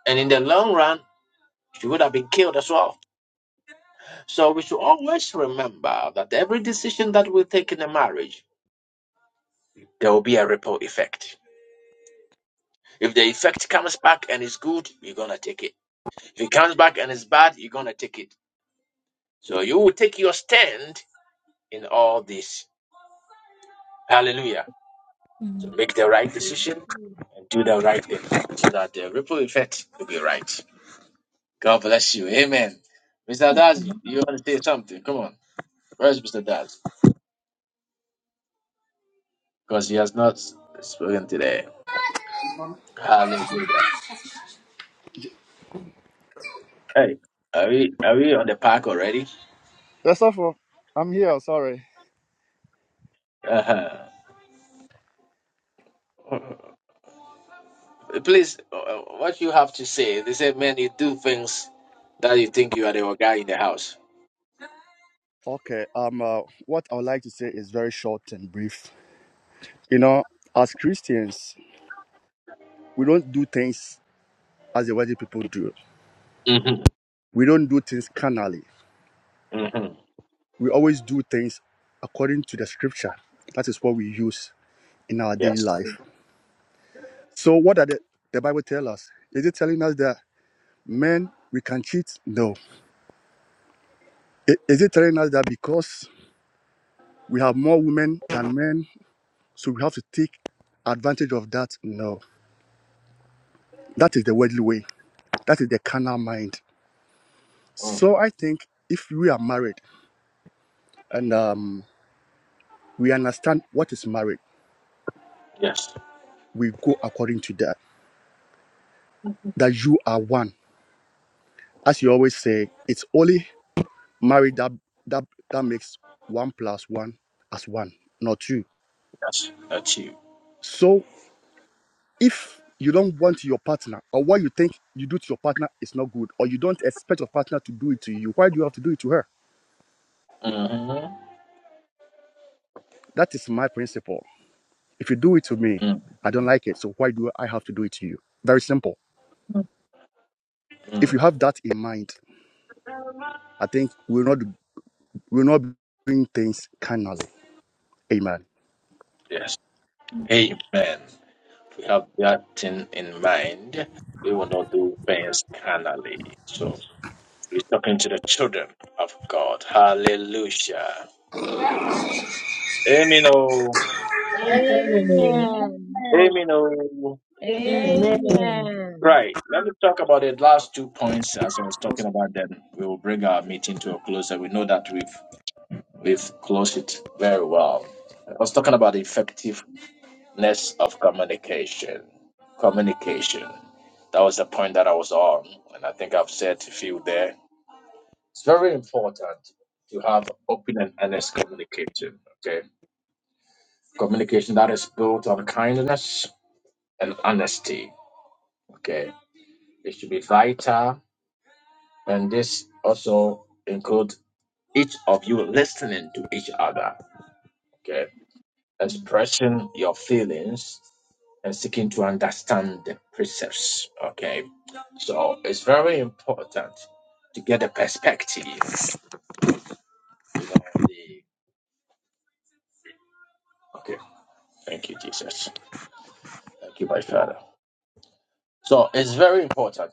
And in the long run, she would have been killed as well. So we should always remember that every decision that we take in a marriage, there will be a ripple effect. If the effect comes back and is good, you're gonna take it. If it comes back and is bad, you're gonna take it. So you will take your stand in all this. Hallelujah. So Mm. make the right decision Mhm. and do the right thing so that the ripple effect will be right. God bless you. Amen. Mr. Daz, Amen. you want to say something? Come on. Where's Mr. Daz? Because he has not spoken today. Hallelujah. Hey, are we are we on the park already? Yes, sir. for- I'm here. Sorry. Uh-huh. Please, uh, what you have to say? They say, man, you do things that you think you are the guy in the house. Okay. Um. Uh, what I would like to say is very short and brief. You know, as Christians, we don't do things as the worldly people do. hmm We don't do things carnally. We always do things according to the scripture. That is what we use in our daily Yes. life. So, what does the, the Bible tell us? Is it telling us that men we can cheat? No. I- Is it telling us that because we have more women than men, so we have to take advantage of that? No. That is the worldly way. That is the carnal mind. Mm. So, I think if we are married and um, we understand what is married, Yes. we go according to that. That you are one. As you always say, it's only marriage that that that makes one plus one as one, not two. That's you. So if you don't want your partner, or what you think you do to your partner is not good, or you don't expect your partner to do it to you, why do you have to do it to her? That is my principle. If you do it to me, Mm. I don't like it. So why do I have to do it to you? Very simple. If Mm. you have that in mind, I think we'll not we'll not be doing things kindly. Amen. Yes. Amen. We have yeah, we will not do pains. So we're talking to the children of God. Hallelujah. Amen. Oh. Amen. Amen. Amen. Amen. Oh. Eh, Amen. Amen. Amen. Right. Let me talk about the last two points as I was talking about them. We will bring our meeting to a close and we know that we've we've closed it very well. I was talking about the effectiveness of communication. Communication. That was the point that I was on, and I think I've said a few there. It's very important to have open and honest communication. Okay, communication that is built on kindness and honesty. Okay, it should be vital, and this also includes each of you listening to each other. Okay, mm, expressing your feelings and seeking to understand the precepts. Okay, so it's very important to get a perspective, you know, the Okay. Thank you, Jesus. Thank you, my Father. So it's very important.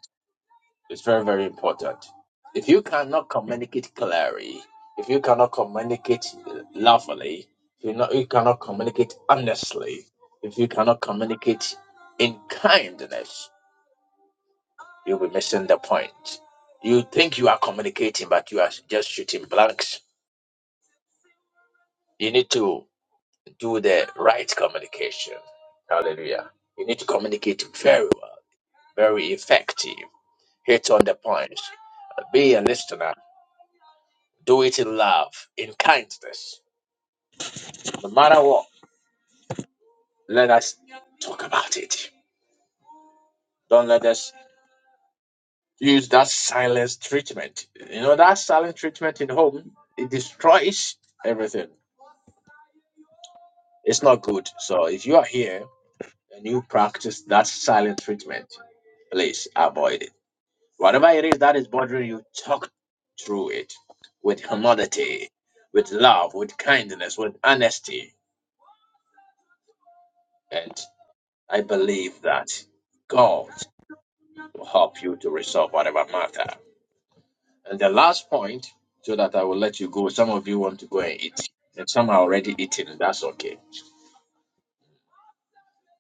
It's very, very important. If you cannot communicate clearly, if you cannot communicate lovingly, if you, not, you cannot communicate honestly, if you cannot communicate in kindness, you'll be missing the point. You think you are communicating, but you are just shooting blanks. You need to do the right communication. Hallelujah. You need to communicate very well, very effective Hit on the point. Be a listener. Do it in love, in kindness. No matter what, let us talk about it. Don't let us use that silence treatment. You know, that silent treatment in home, it destroys everything. It's not good. So if you are here and you practice that silent treatment, please avoid it. Whatever it is that is bothering you, talk through it with humility, with love, with kindness, with honesty. and. I believe that God will help you to resolve whatever matter. And the last point, so that I will let you go, some of you want to go and eat, and some are already eating, that's okay.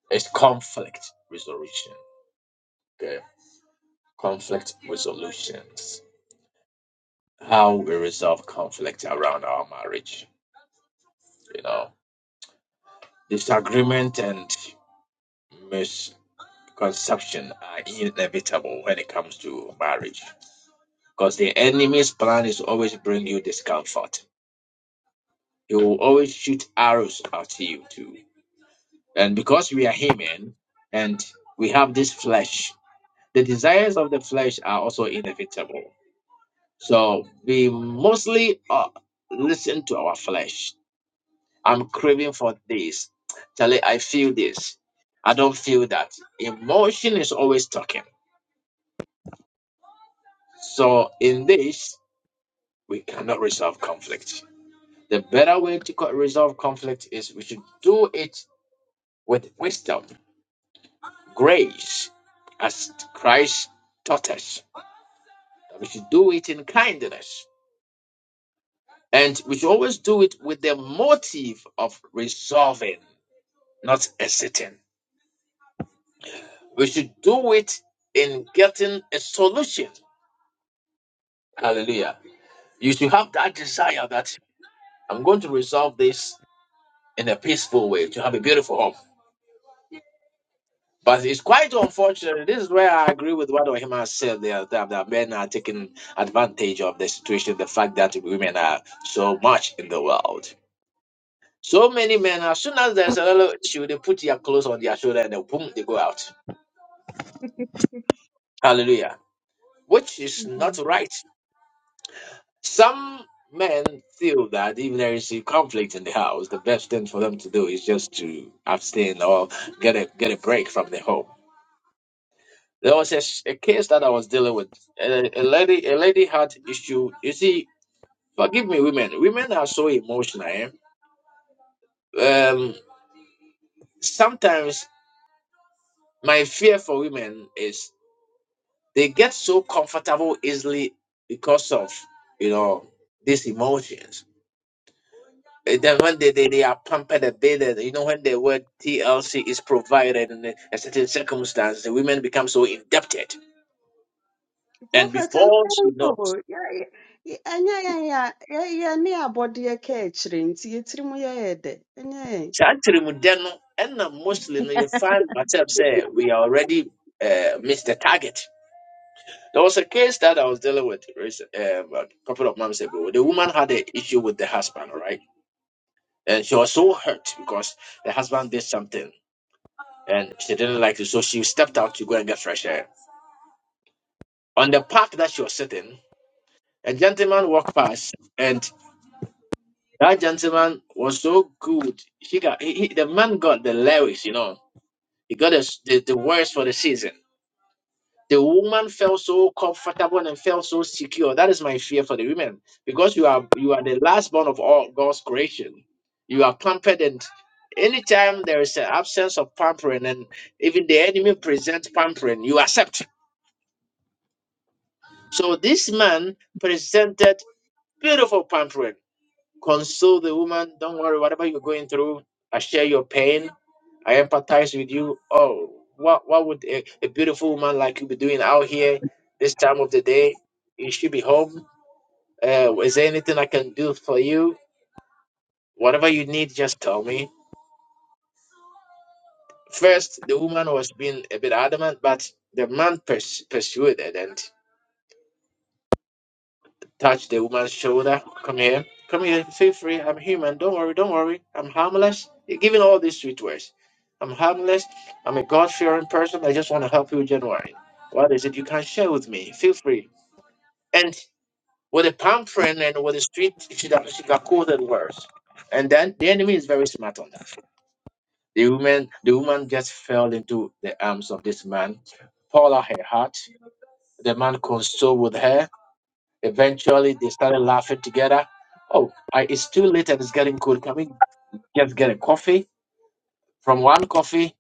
It's conflict resolution. Okay. Conflict resolutions. How we resolve conflict around our marriage. You know, disagreement and misconception are inevitable when it comes to marriage because the enemy's plan is always bring you discomfort He will always shoot arrows at you too. And because we are human and we have this flesh, the desires of the flesh are also inevitable. So we mostly uh, listen to our flesh. I'm craving for this. Charlie, I feel this. I don't feel that. Emotion is always talking. So in this, we cannot resolve conflict. The better way to co- resolve conflict is we should do it with wisdom grace as Christ's daughters. That we should do it in kindness. And we should always do it with the motive of resolving, not hesitating. We should do it in getting a solution. Hallelujah. You should have that desire that I'm going to resolve this in a peaceful way to have a beautiful home. But it's quite unfortunate. This is where I agree with what Ohima said there that, that men are taking advantage of the situation, the fact that women are so much in the world. So many men, as soon as there's a little issue, they put their clothes on their shoulder and then boom, they go out. Hallelujah. Which is not right. Some men feel that if there is a conflict in the house, the best thing for them to do is just to abstain or get a get a break from the home. There was a, s- a case that I was dealing with. A, a lady, a lady had issue. You see, forgive me, women. Women are so emotional. eh? Um, sometimes my fear for women is they get so comfortable easily because of you know these emotions. And then when they, they, they are pampered a bit, and, you know when the word TLC is provided in a a certain circumstance, the women become so indebted. And Prophet before she knows. anyango ya ya ya anya ya ya ya ya ne abode ya ka ekyire nti yetiri mu ya ya de anya ya saa ntirimudɛ no ɛna mostly no you find myself say we are already uh, missed the target. There was a case that I was dealing with recent- um, a couple of months ago. The woman had an issue with the husband, all right? And she was so hurt because the husband did something and she didn't like it. So she stepped out to go and get fresh air. On the park that she was sitting, a gentleman walked past and that gentleman was so good. She got he, he- the man got the lyrics, you know. He got the, the, the words for the season. The woman felt so comfortable and felt so secure. That is my fear for the women because you are you are the last born of all God's creation. You are pampered, and anytime there is an absence of pampering, and even the enemy presents pampering, you accept. So this man presented beautiful pampering, console the woman. Don't worry, whatever you're going through, I share your pain I empathize with you. Oh, what what would a, a beautiful woman like you be doing out here this time of the day? You should be home. Uh, is there anything I can do for you? Whatever you need, just tell me. First, the woman was being a bit adamant, but the man pers- pursued it, and Touch the woman's shoulder. Come here. Come here. Feel free. I'm human. Don't worry. Don't worry. I'm harmless. You're giving all these sweet words. I'm harmless. I'm a God fearing person. I just want to help you, January. What is it you can share with me? Feel free. And with a pampering and with a sweet, she got, she got quoted words. And then the enemy is very smart on that. The woman, the woman just fell into the arms of this man, poured out her heart. The man consoled with her Eventually, they started laughing together. Oh, I, it's too late and it's getting cold. Can we just get a coffee? From one coffee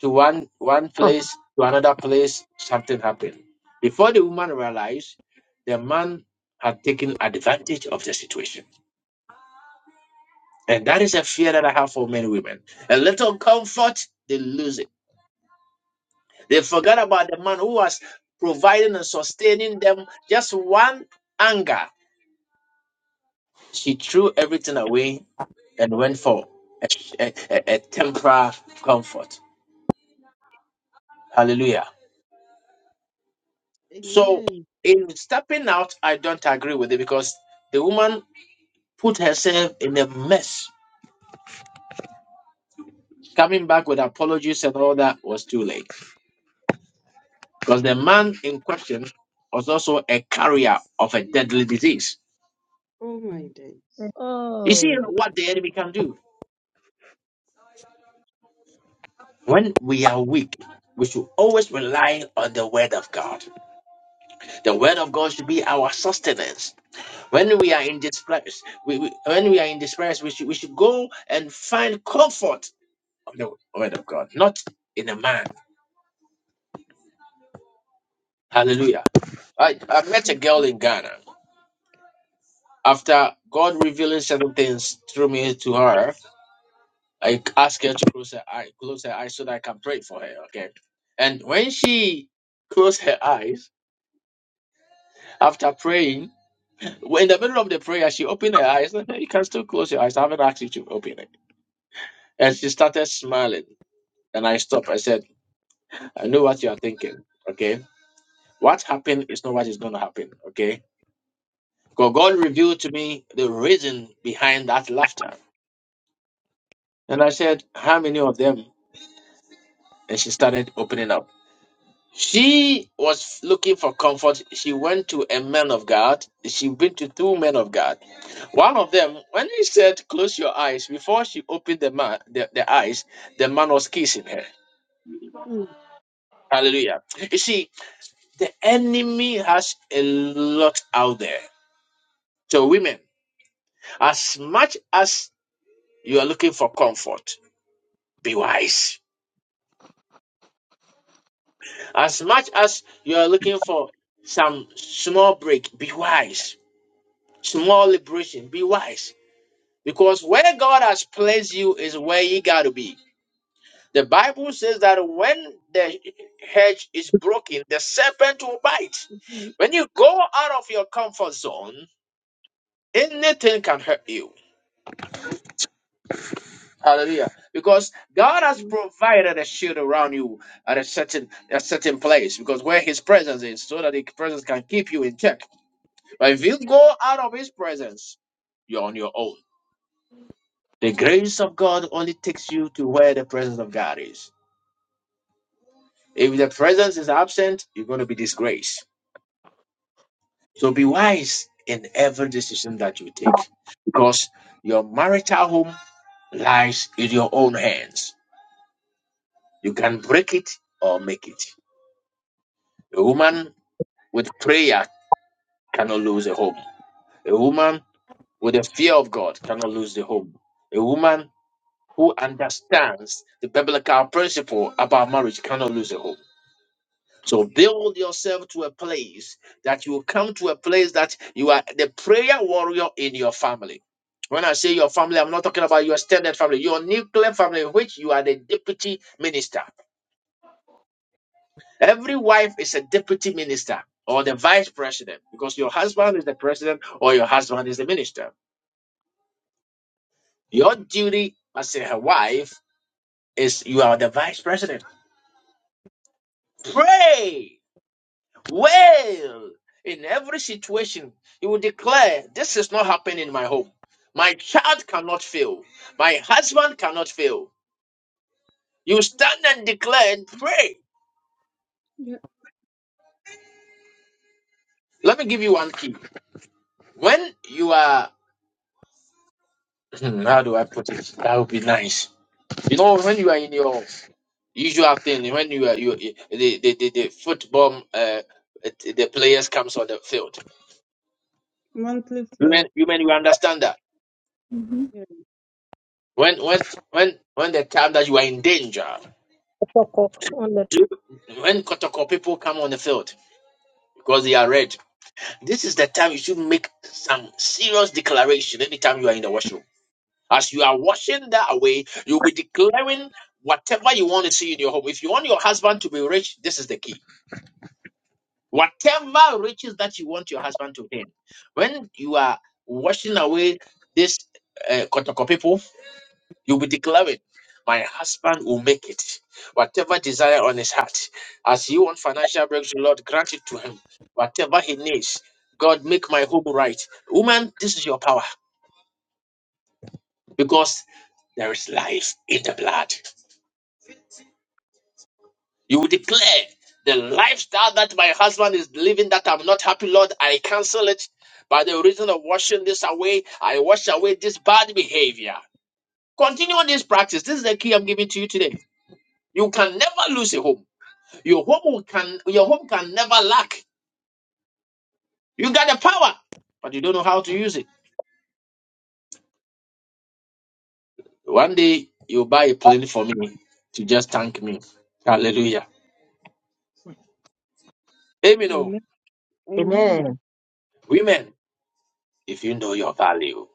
to one one Oh, place to another place, something happened. Before the woman realized, the man had taken advantage of the situation. And that is a fear that I have for many women. A little comfort, they lose it. They forget about the man who was providing and sustaining them just one anger. She threw everything away and went for a, a, a- a temporary comfort. Hallelujah. So, amen in stepping out, I don't agree with it because the woman put herself in a mess. Coming back with apologies and all that was too late because the man in question was also a carrier of a deadly disease. oh my days You see Oh. what the enemy can do when we are weak. We should always rely on the word of God. The word of God should be our sustenance. When we are in despair, we, we, when we are in despair, we should, we should go and find comfort on the word of God, not in a man. Hallelujah. I, I met a Mm. girl in Ghana. After God revealing certain things through me to her, I asked her to close her eye, close her eyes so that I can pray for her. Okay. And when she closed her eyes after praying, in the middle of the prayer, she opened her eyes. You can still close your eyes. I haven't asked you to open it. And she started smiling. And I stopped. I said. I know what you are thinking. Okay. What happened is not what is going to happen. Okay. God, God revealed to me the reason behind that laughter. And I said, How many of them? And she started opening up. She was looking for comfort. She went to a man of God. She went to two men of God. One of them, when he said, Close your eyes, before she opened the, man, the, the eyes, the man was kissing her. Hallelujah. You see, the enemy has a lot out there. So, women, As much as you are looking for comfort, be wise. As much as you are looking for some small break, be wise. Small liberation, be wise. Because where God has placed you is where you got to be. The Bible says that when the hedge is broken, the serpent will bite. Mm. When you go out of your comfort zone, anything can hurt you Hallelujah. Because God has Mm. provided a shield around you at a certain a certain place because where his presence is, so that his presence can keep you in check. But if you go out of his presence, you're on your own. The grace of God only takes you to where the presence of God is. If the presence is absent, you're going to be disgraced. So be wise in every decision that you take because your marital home lies in your own hands. You can break it or make it. A woman with prayer cannot lose a home. A woman with the fear of God cannot lose the home. A woman who understands the biblical principle about marriage cannot lose a home. So build yourself to a place that you come to a place that you are the prayer warrior in your family. When I say your family, I'm not talking about your standard family, your nuclear family, which you are the deputy minister. Every wife is a deputy minister or the vice president because your husband is the president or your husband is the minister. Your duty as a wife is you are the vice president. Pray well in every situation. You will declare, This is not happening in my home. My child cannot fail. My husband cannot fail. You stand and declare and pray. Yeah. Let me give you one key. When you are, how do I put it? That would be nice. You know, when you are in your usual thing when you are you the the, the, the football uh, the players comes on the field monthly women flow women you understand that mhm. yeah. when when when when the time that you are in danger on the, you- when Kotoko people come on the field because they are red this is the time you should make some serious declaration anytime you are in the washroom as you are washing that away you'll be declaring whatever you want to see in your home if you want your husband to be rich this is the key Whatever riches that you want your husband to gain, when you are washing away this uh, Kotoko people, you'll be declaring, My husband will make it. Whatever desire on his heart, as you want financial breakthrough, Lord, grant it to him. Whatever he needs, God, make my home right. Woman, this is your power because there is life in the blood. You will declare the lifestyle that my husband is living that I'm not happy, Lord. I cancel it by the reason of washing this away. I wash away this bad behavior. Continue on this practice. This is the key I'm giving to you today. You can never lose a home. Your home will- can your home can never lack. You got the power, but you don't know how to use it. One day you'll buy a plane for me to just thank me. Hallelujah. Amen. oh. amen amen Amen. Women, if you know your value.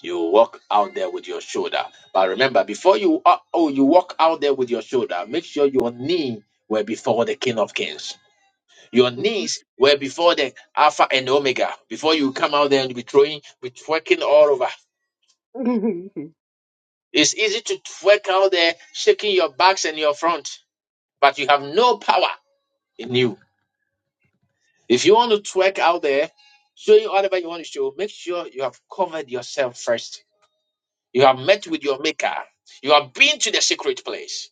You walk out there with your shoulder. But remember, before you uh, oh you walk out there with your shoulder, make sure your knee were before the King of Kings. Your knees were before the Alpha and Omega. Before you come out there and be throwing, be twerking all over. Papa, It's easy to twerk out there, shaking your backs and your front, but you have no power in you. If you want to twerk out there, showing whatever you want to show, make sure you have covered yourself first. You have met with your maker. You have been to the secret place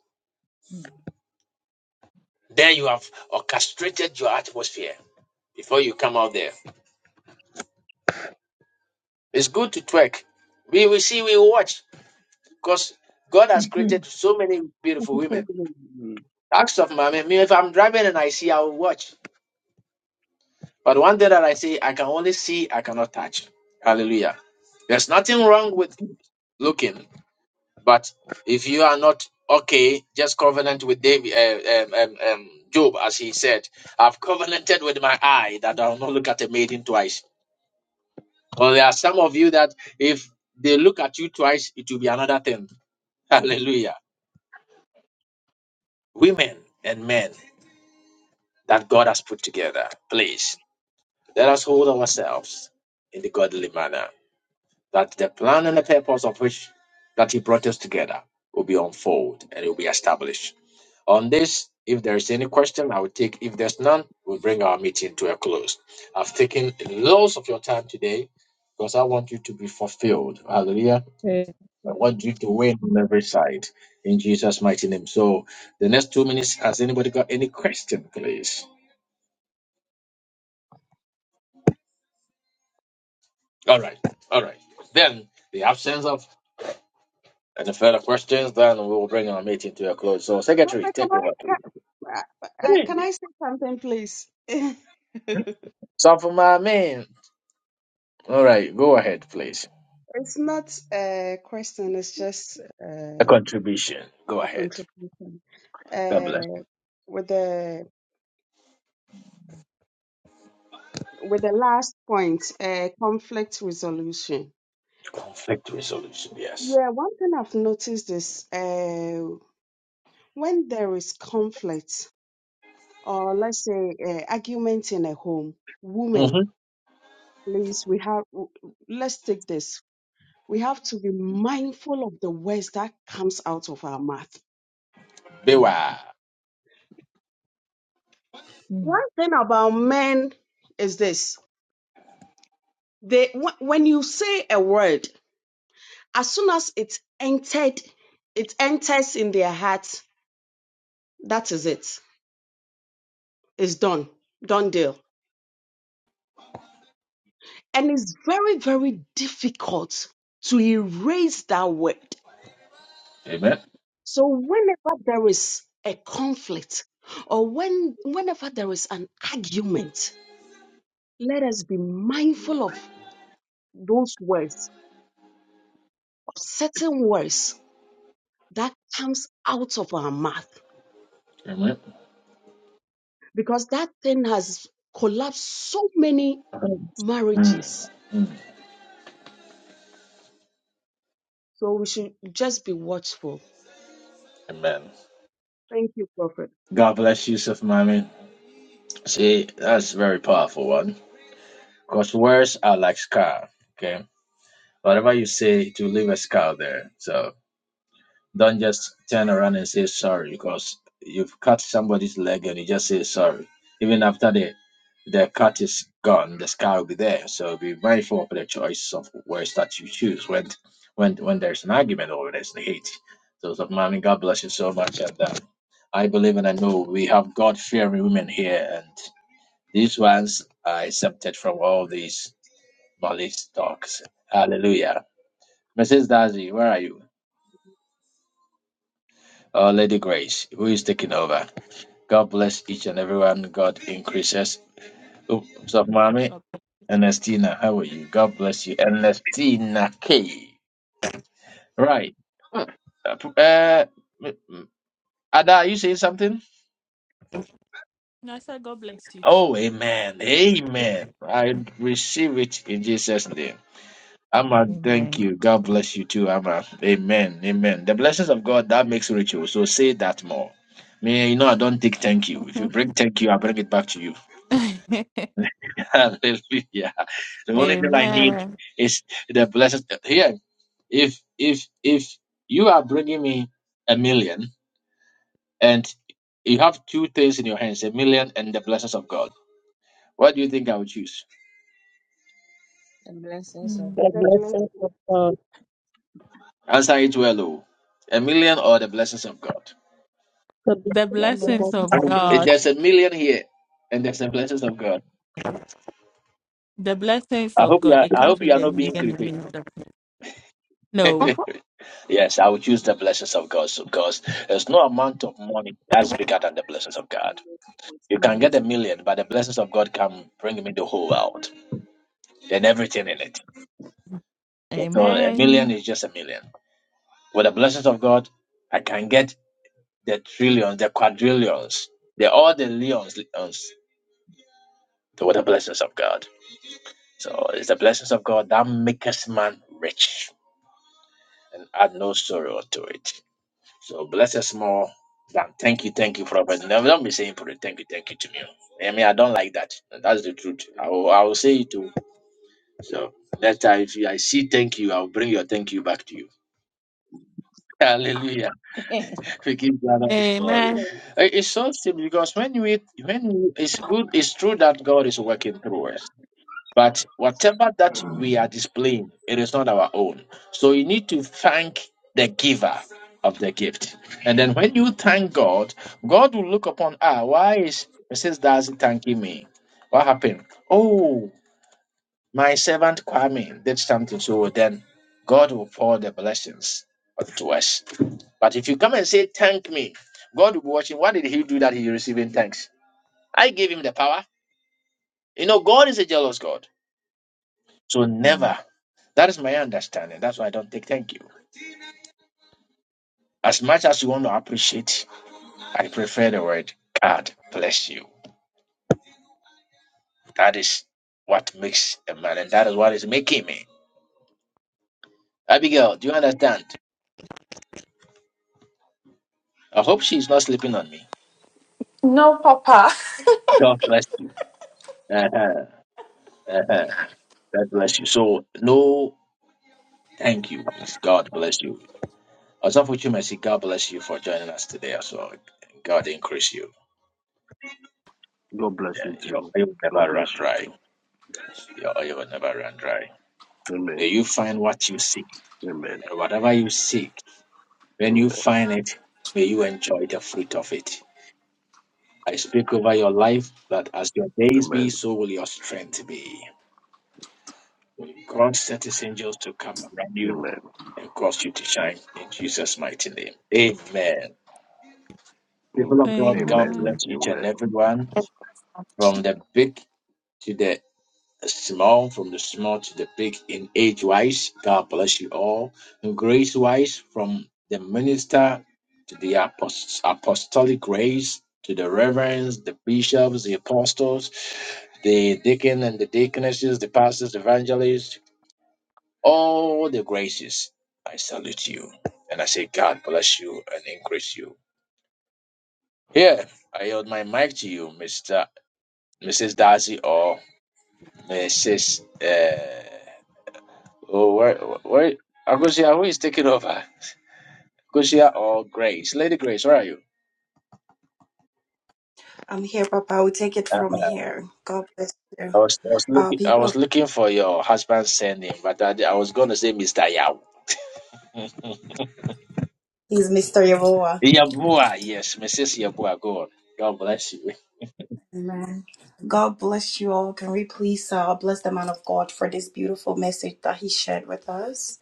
Then you have orchestrated your atmosphere before you come out there. It's good to twerk. We will see, we will watch because God has created so many beautiful women. Acts of my me, if I'm driving and I see, I will watch. But one thing that I say, I can only see, I cannot touch. Hallelujah. There's nothing wrong with looking, but if you are not okay, just covenant with David, uh, um, um, um, Job, as he said, I've covenanted with my eye that I will not look at a maiden twice. But there are some of you that if they look at you twice, it will be another thing. Hallelujah. Women and men that God has put together, please let us hold ourselves in the godly manner that the plan and the purpose of which that He brought us together will be unfold and it will be established. On this, if there is any question, I will take. If there's none, we'll bring our meeting to a close. I've taken loads of your time today because I want you to be fulfilled. Hallelujah uh, I want you to win on every side in Jesus' mighty name. So the next two minutes, has anybody got any question, please? All right, all right. Then the absence of any further questions, then we will bring our meeting to a close. So secretary, can take over. I can, uh, uh, can Hey, I say something, please? it's so for my man. All right, go ahead, please. not a question; it's just uh, A contribution. Go a ahead. contribution. God bless. Uh, with the with the last point, uh, conflict resolution. Conflict resolution. Yes. Yeah, one thing I've noticed is uh, when there is conflict, or let's say uh, argument in a home, women, Mm-hmm. please, we have. w- Let's take this. we have to be mindful of the words that comes out of our mouth. Mm. Mm. One thing about men is this: they wh- when you say a word, as soon as it entered, it enters in their heart. That is it. It's done. Done deal. And it's very very difficult to erase that word. Amen. So whenever there is a conflict, or when whenever there is an argument, let us be mindful of those words or certain words that comes out of our mouth Amen. because that thing has collapsed so many Mm. marriages. Mm. So we should just be watchful. Amen. Thank you, Prophet. God bless you, Seth Mammy. See you Because words are like scar. Okay. Whatever you say, it will leave a scar there. So don't just turn around and say sorry because you've cut somebody's leg and you just say sorry. Even after the the cut is gone, the scar will be there. So be mindful of the choice of words that you choose when when when there's an argument or when there's hate. So, so mommy, God bless you so much. And uh, I believe and I know we have God fearing women here, and these ones are accepted from all these. Molly Stokes. Hallelujah. Mrs. Darcy, where are you? Oh, Lady Grace, who is taking over? God bless each and everyone. God increases. Oh, what's up, mommy? God bless. Ernestina, how are you? God bless you. Ernestina K. Right. Uh, p- uh, m- m- Ada, are you saying something? No, I said God bless you too. Oh, amen. Amen. I receive it in Jesus' name. Amma, thank Amen. you. God bless you too, Amma. Amen. Amen. The blessings of God that makes rich. oh, So say that more. Me, you know, I don't take thank you. If you bring thank you, I bring it back to you. Hallelujah. The only thing I need Amen. is the blessings. Here, if if if you are bringing me a million and you have two things in your hands, a million and the blessings of God, what do you think I would choose? The blessings of Mm. the God. God bless blessing you. of God Answer it well, oh. A million or the blessings of God? be the God blessings bless Thank you. you of for And God. God, there's a million here, and there's the blessings of God. the blessings I of hope you God, are, it I God comes hope you with are the bless you. not being million creepy. women of the No. yes, I would choose the blessings of God so- because there's no amount of money that's bigger God than the bless blessings you. of God. God bless You you. I'm can get a Waiting. million, but the blessings of God can bring me the whole world and everything in it. So a million Amen. is just a million. With the blessings of God, I can get the trillions, the quadrillions, the all the leons, leons So with the blessings of God. So it's the blessings of God that makes man rich. and add no sorrow to it. So bless us more than thank you, thank you, prophet. Never don't be saying for it, thank you, thank you to me. I mean, I don't like that. That's the truth. I will, I will say it too. So next time, if you, I see thank you, I'll bring your thank you back to you. Hallelujah. I'm waiting. We give God all the glory. Amen. Eh, It's so simple because when you eat, when you, it's good, it's true that God is working through us. But whatever that we are displaying, it is not our own. So you need to thank the giver of the gift. And then when you thank God, God will look upon, ah, why is Mrs. Darcy thanking me? What happened? Oh, my servant Kwame did something. So then God will pour the blessings onto us. But if you come and say, thank me, God will be watching. What did he do that he receiving thanks? I gave him the power. You know, God is a jealous God. So Mm. never. That is my understanding. That's why I don't take thank you. As much as you want to appreciate, I prefer the word God bless you. That is what makes a man, and that is what is making me. Abigail, do you understand? I hope she's not sleeping on me. No, Papa. God bless you. Uh-huh, uh-huh. God bless you. So, no thank you. It's God bless you. Osafo Chumesi, God bless you for joining us today as well. God increase you. God bless Yeah, you your too. oil will God never run bless you dry. too. Your oil will never run dry. Amen. May you find what you seek Amen. And whatever you seek, when you Amen. find it, may you enjoy the fruit of it. I speak over your life that as your days be, Amen. so will your strength be. May God set his angels to camp around you Amen. and cause you to shine in Jesus' mighty name. Amen. People of God, God Amen. Amen. Amen. bless each and Amen. everyone from the big to the small, from the small to the big in age wise. God bless you all. And grace wise, from the minister to the apost- apostolic grace, to the reverends, the bishops, the apostles, the deacon and the deaconesses, the pastors, evangelists, all the graces. I salute you. And I say, God bless you and increase you. Here, I yield my mic to you, Mr. Mrs. Darcy or Mrs. Oh, wait, wait. Agusia, who is taking over? Agusia or Grace? Lady Grace, where are you? I'm here, Papa. we take it from here. God bless you. I was, I was Uh, looking, I people was of, looking for your husband's surname, but I, I was going to say Mr. Yao. he's Mr. Yehoah. Yabua, yes, Mrs. Yabua, go on. God bless you. Amen. God bless you all. Can we please uh, bless the man of God for this beautiful message that he shared with us?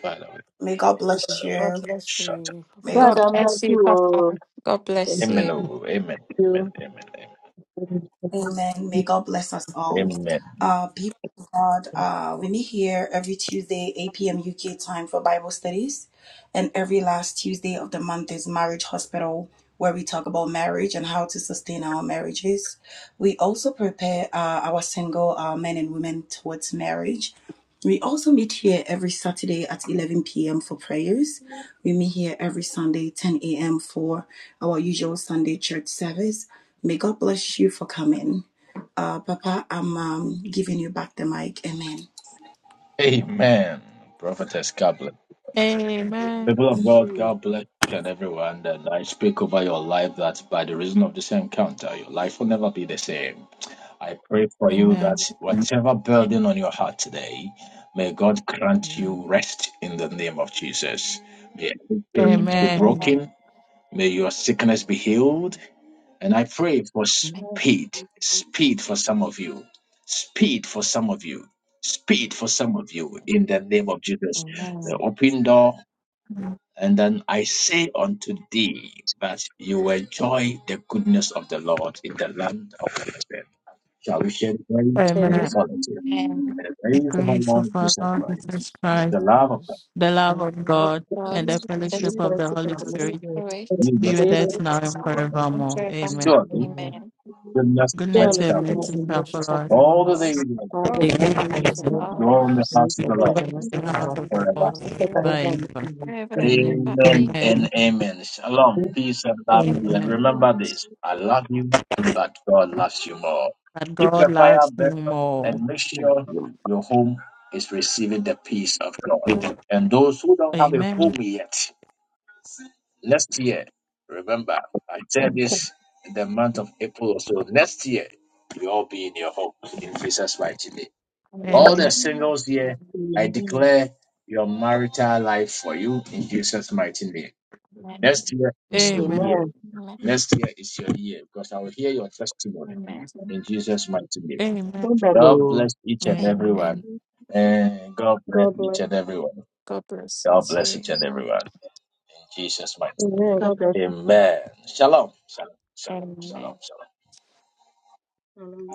Father, May God bless God you. bless shut up. you, May Papa. God, God God. I'm bless glad you, you. Papa. oh. God with bless Amen. you. oh, Amen. Amen. you. Amen. Amen. May God bless us all. Amen. Amen. Uh, people of God, uh, we meet here every Tuesday, 8 p.m. UK time for Bible studies. And every last Tuesday of the month is Marriage Hospital, where we talk about marriage and how to sustain our marriages. We also prepare uh, our single uh, men and women towards marriage. We also meet here every Saturday at 11 p.m. for prayers. We meet here every Sunday, 10 a.m. for our usual Sunday church service. May God bless you for coming. Uh, Papa, I'm um, giving you back the mic. Amen. Amen. Prophetess, God bless. Amen. People of God, Amen. God bless you and everyone. And I speak over your life that by the reason of this encounter, your life will never be the same. I pray for you that Amen. whatever burden on your heart today, may God grant you Amen. rest in the name of Jesus. May every chains be Amen. Amen. Amen. broken. May your sickness be healed. And I pray for Amen. speed, speed for some of you, speed for some of you, speed for some of you in the name of Jesus. The Amen. open door, and then I say unto thee that you enjoy the goodness of the Lord in the land of the living. Shall we share the grace in Amen. Amen. Amen. equality? And the The grace of our grace Lord of our Jesus Lord Christ, Jesus Thank Christ, the love of God, the love And of God, and the it's fellowship just for Amen. of the the sake of Holy the Spirit Lord. be Jesus God, with We will us now and thank you for the forevermore. Christ, Amen. surely Amen. goodness and mercy Goodness Surely surely and shall follow goodness us mercy and shall mercy follow shall us. follow all the us days of our life. all All the days of Amen. our We life, go in the and we house of shall the accept dread Lord the rest of The the house Lord of the forever. Lord forever and ever. forever and and ever. ever. Amen Amen. and amen. Shalom, peace and love to you. And Amen. remember the this: I love you, but God loves you more. That Keep God your fire loves you burning more. Amen. and make sure Amen. your home is receiving the peace of God. And those who don't have a Amen. home yet, Next year, remember, I said that. this in the month of April. So next year, you all be in your home in Jesus' mighty name. All the Amen. singles here, I Amen. declare your marital life for you in Jesus' mighty name. Next year is your Amen. year. Next year is your year because I will hear your testimony in Jesus' mighty name. Amen. God Amen. bless each Amen. and everyone. And God bless God bless. each and everyone. God bless each and everyone. In Jesus' mighty Amen. God God bless name. Amen. How long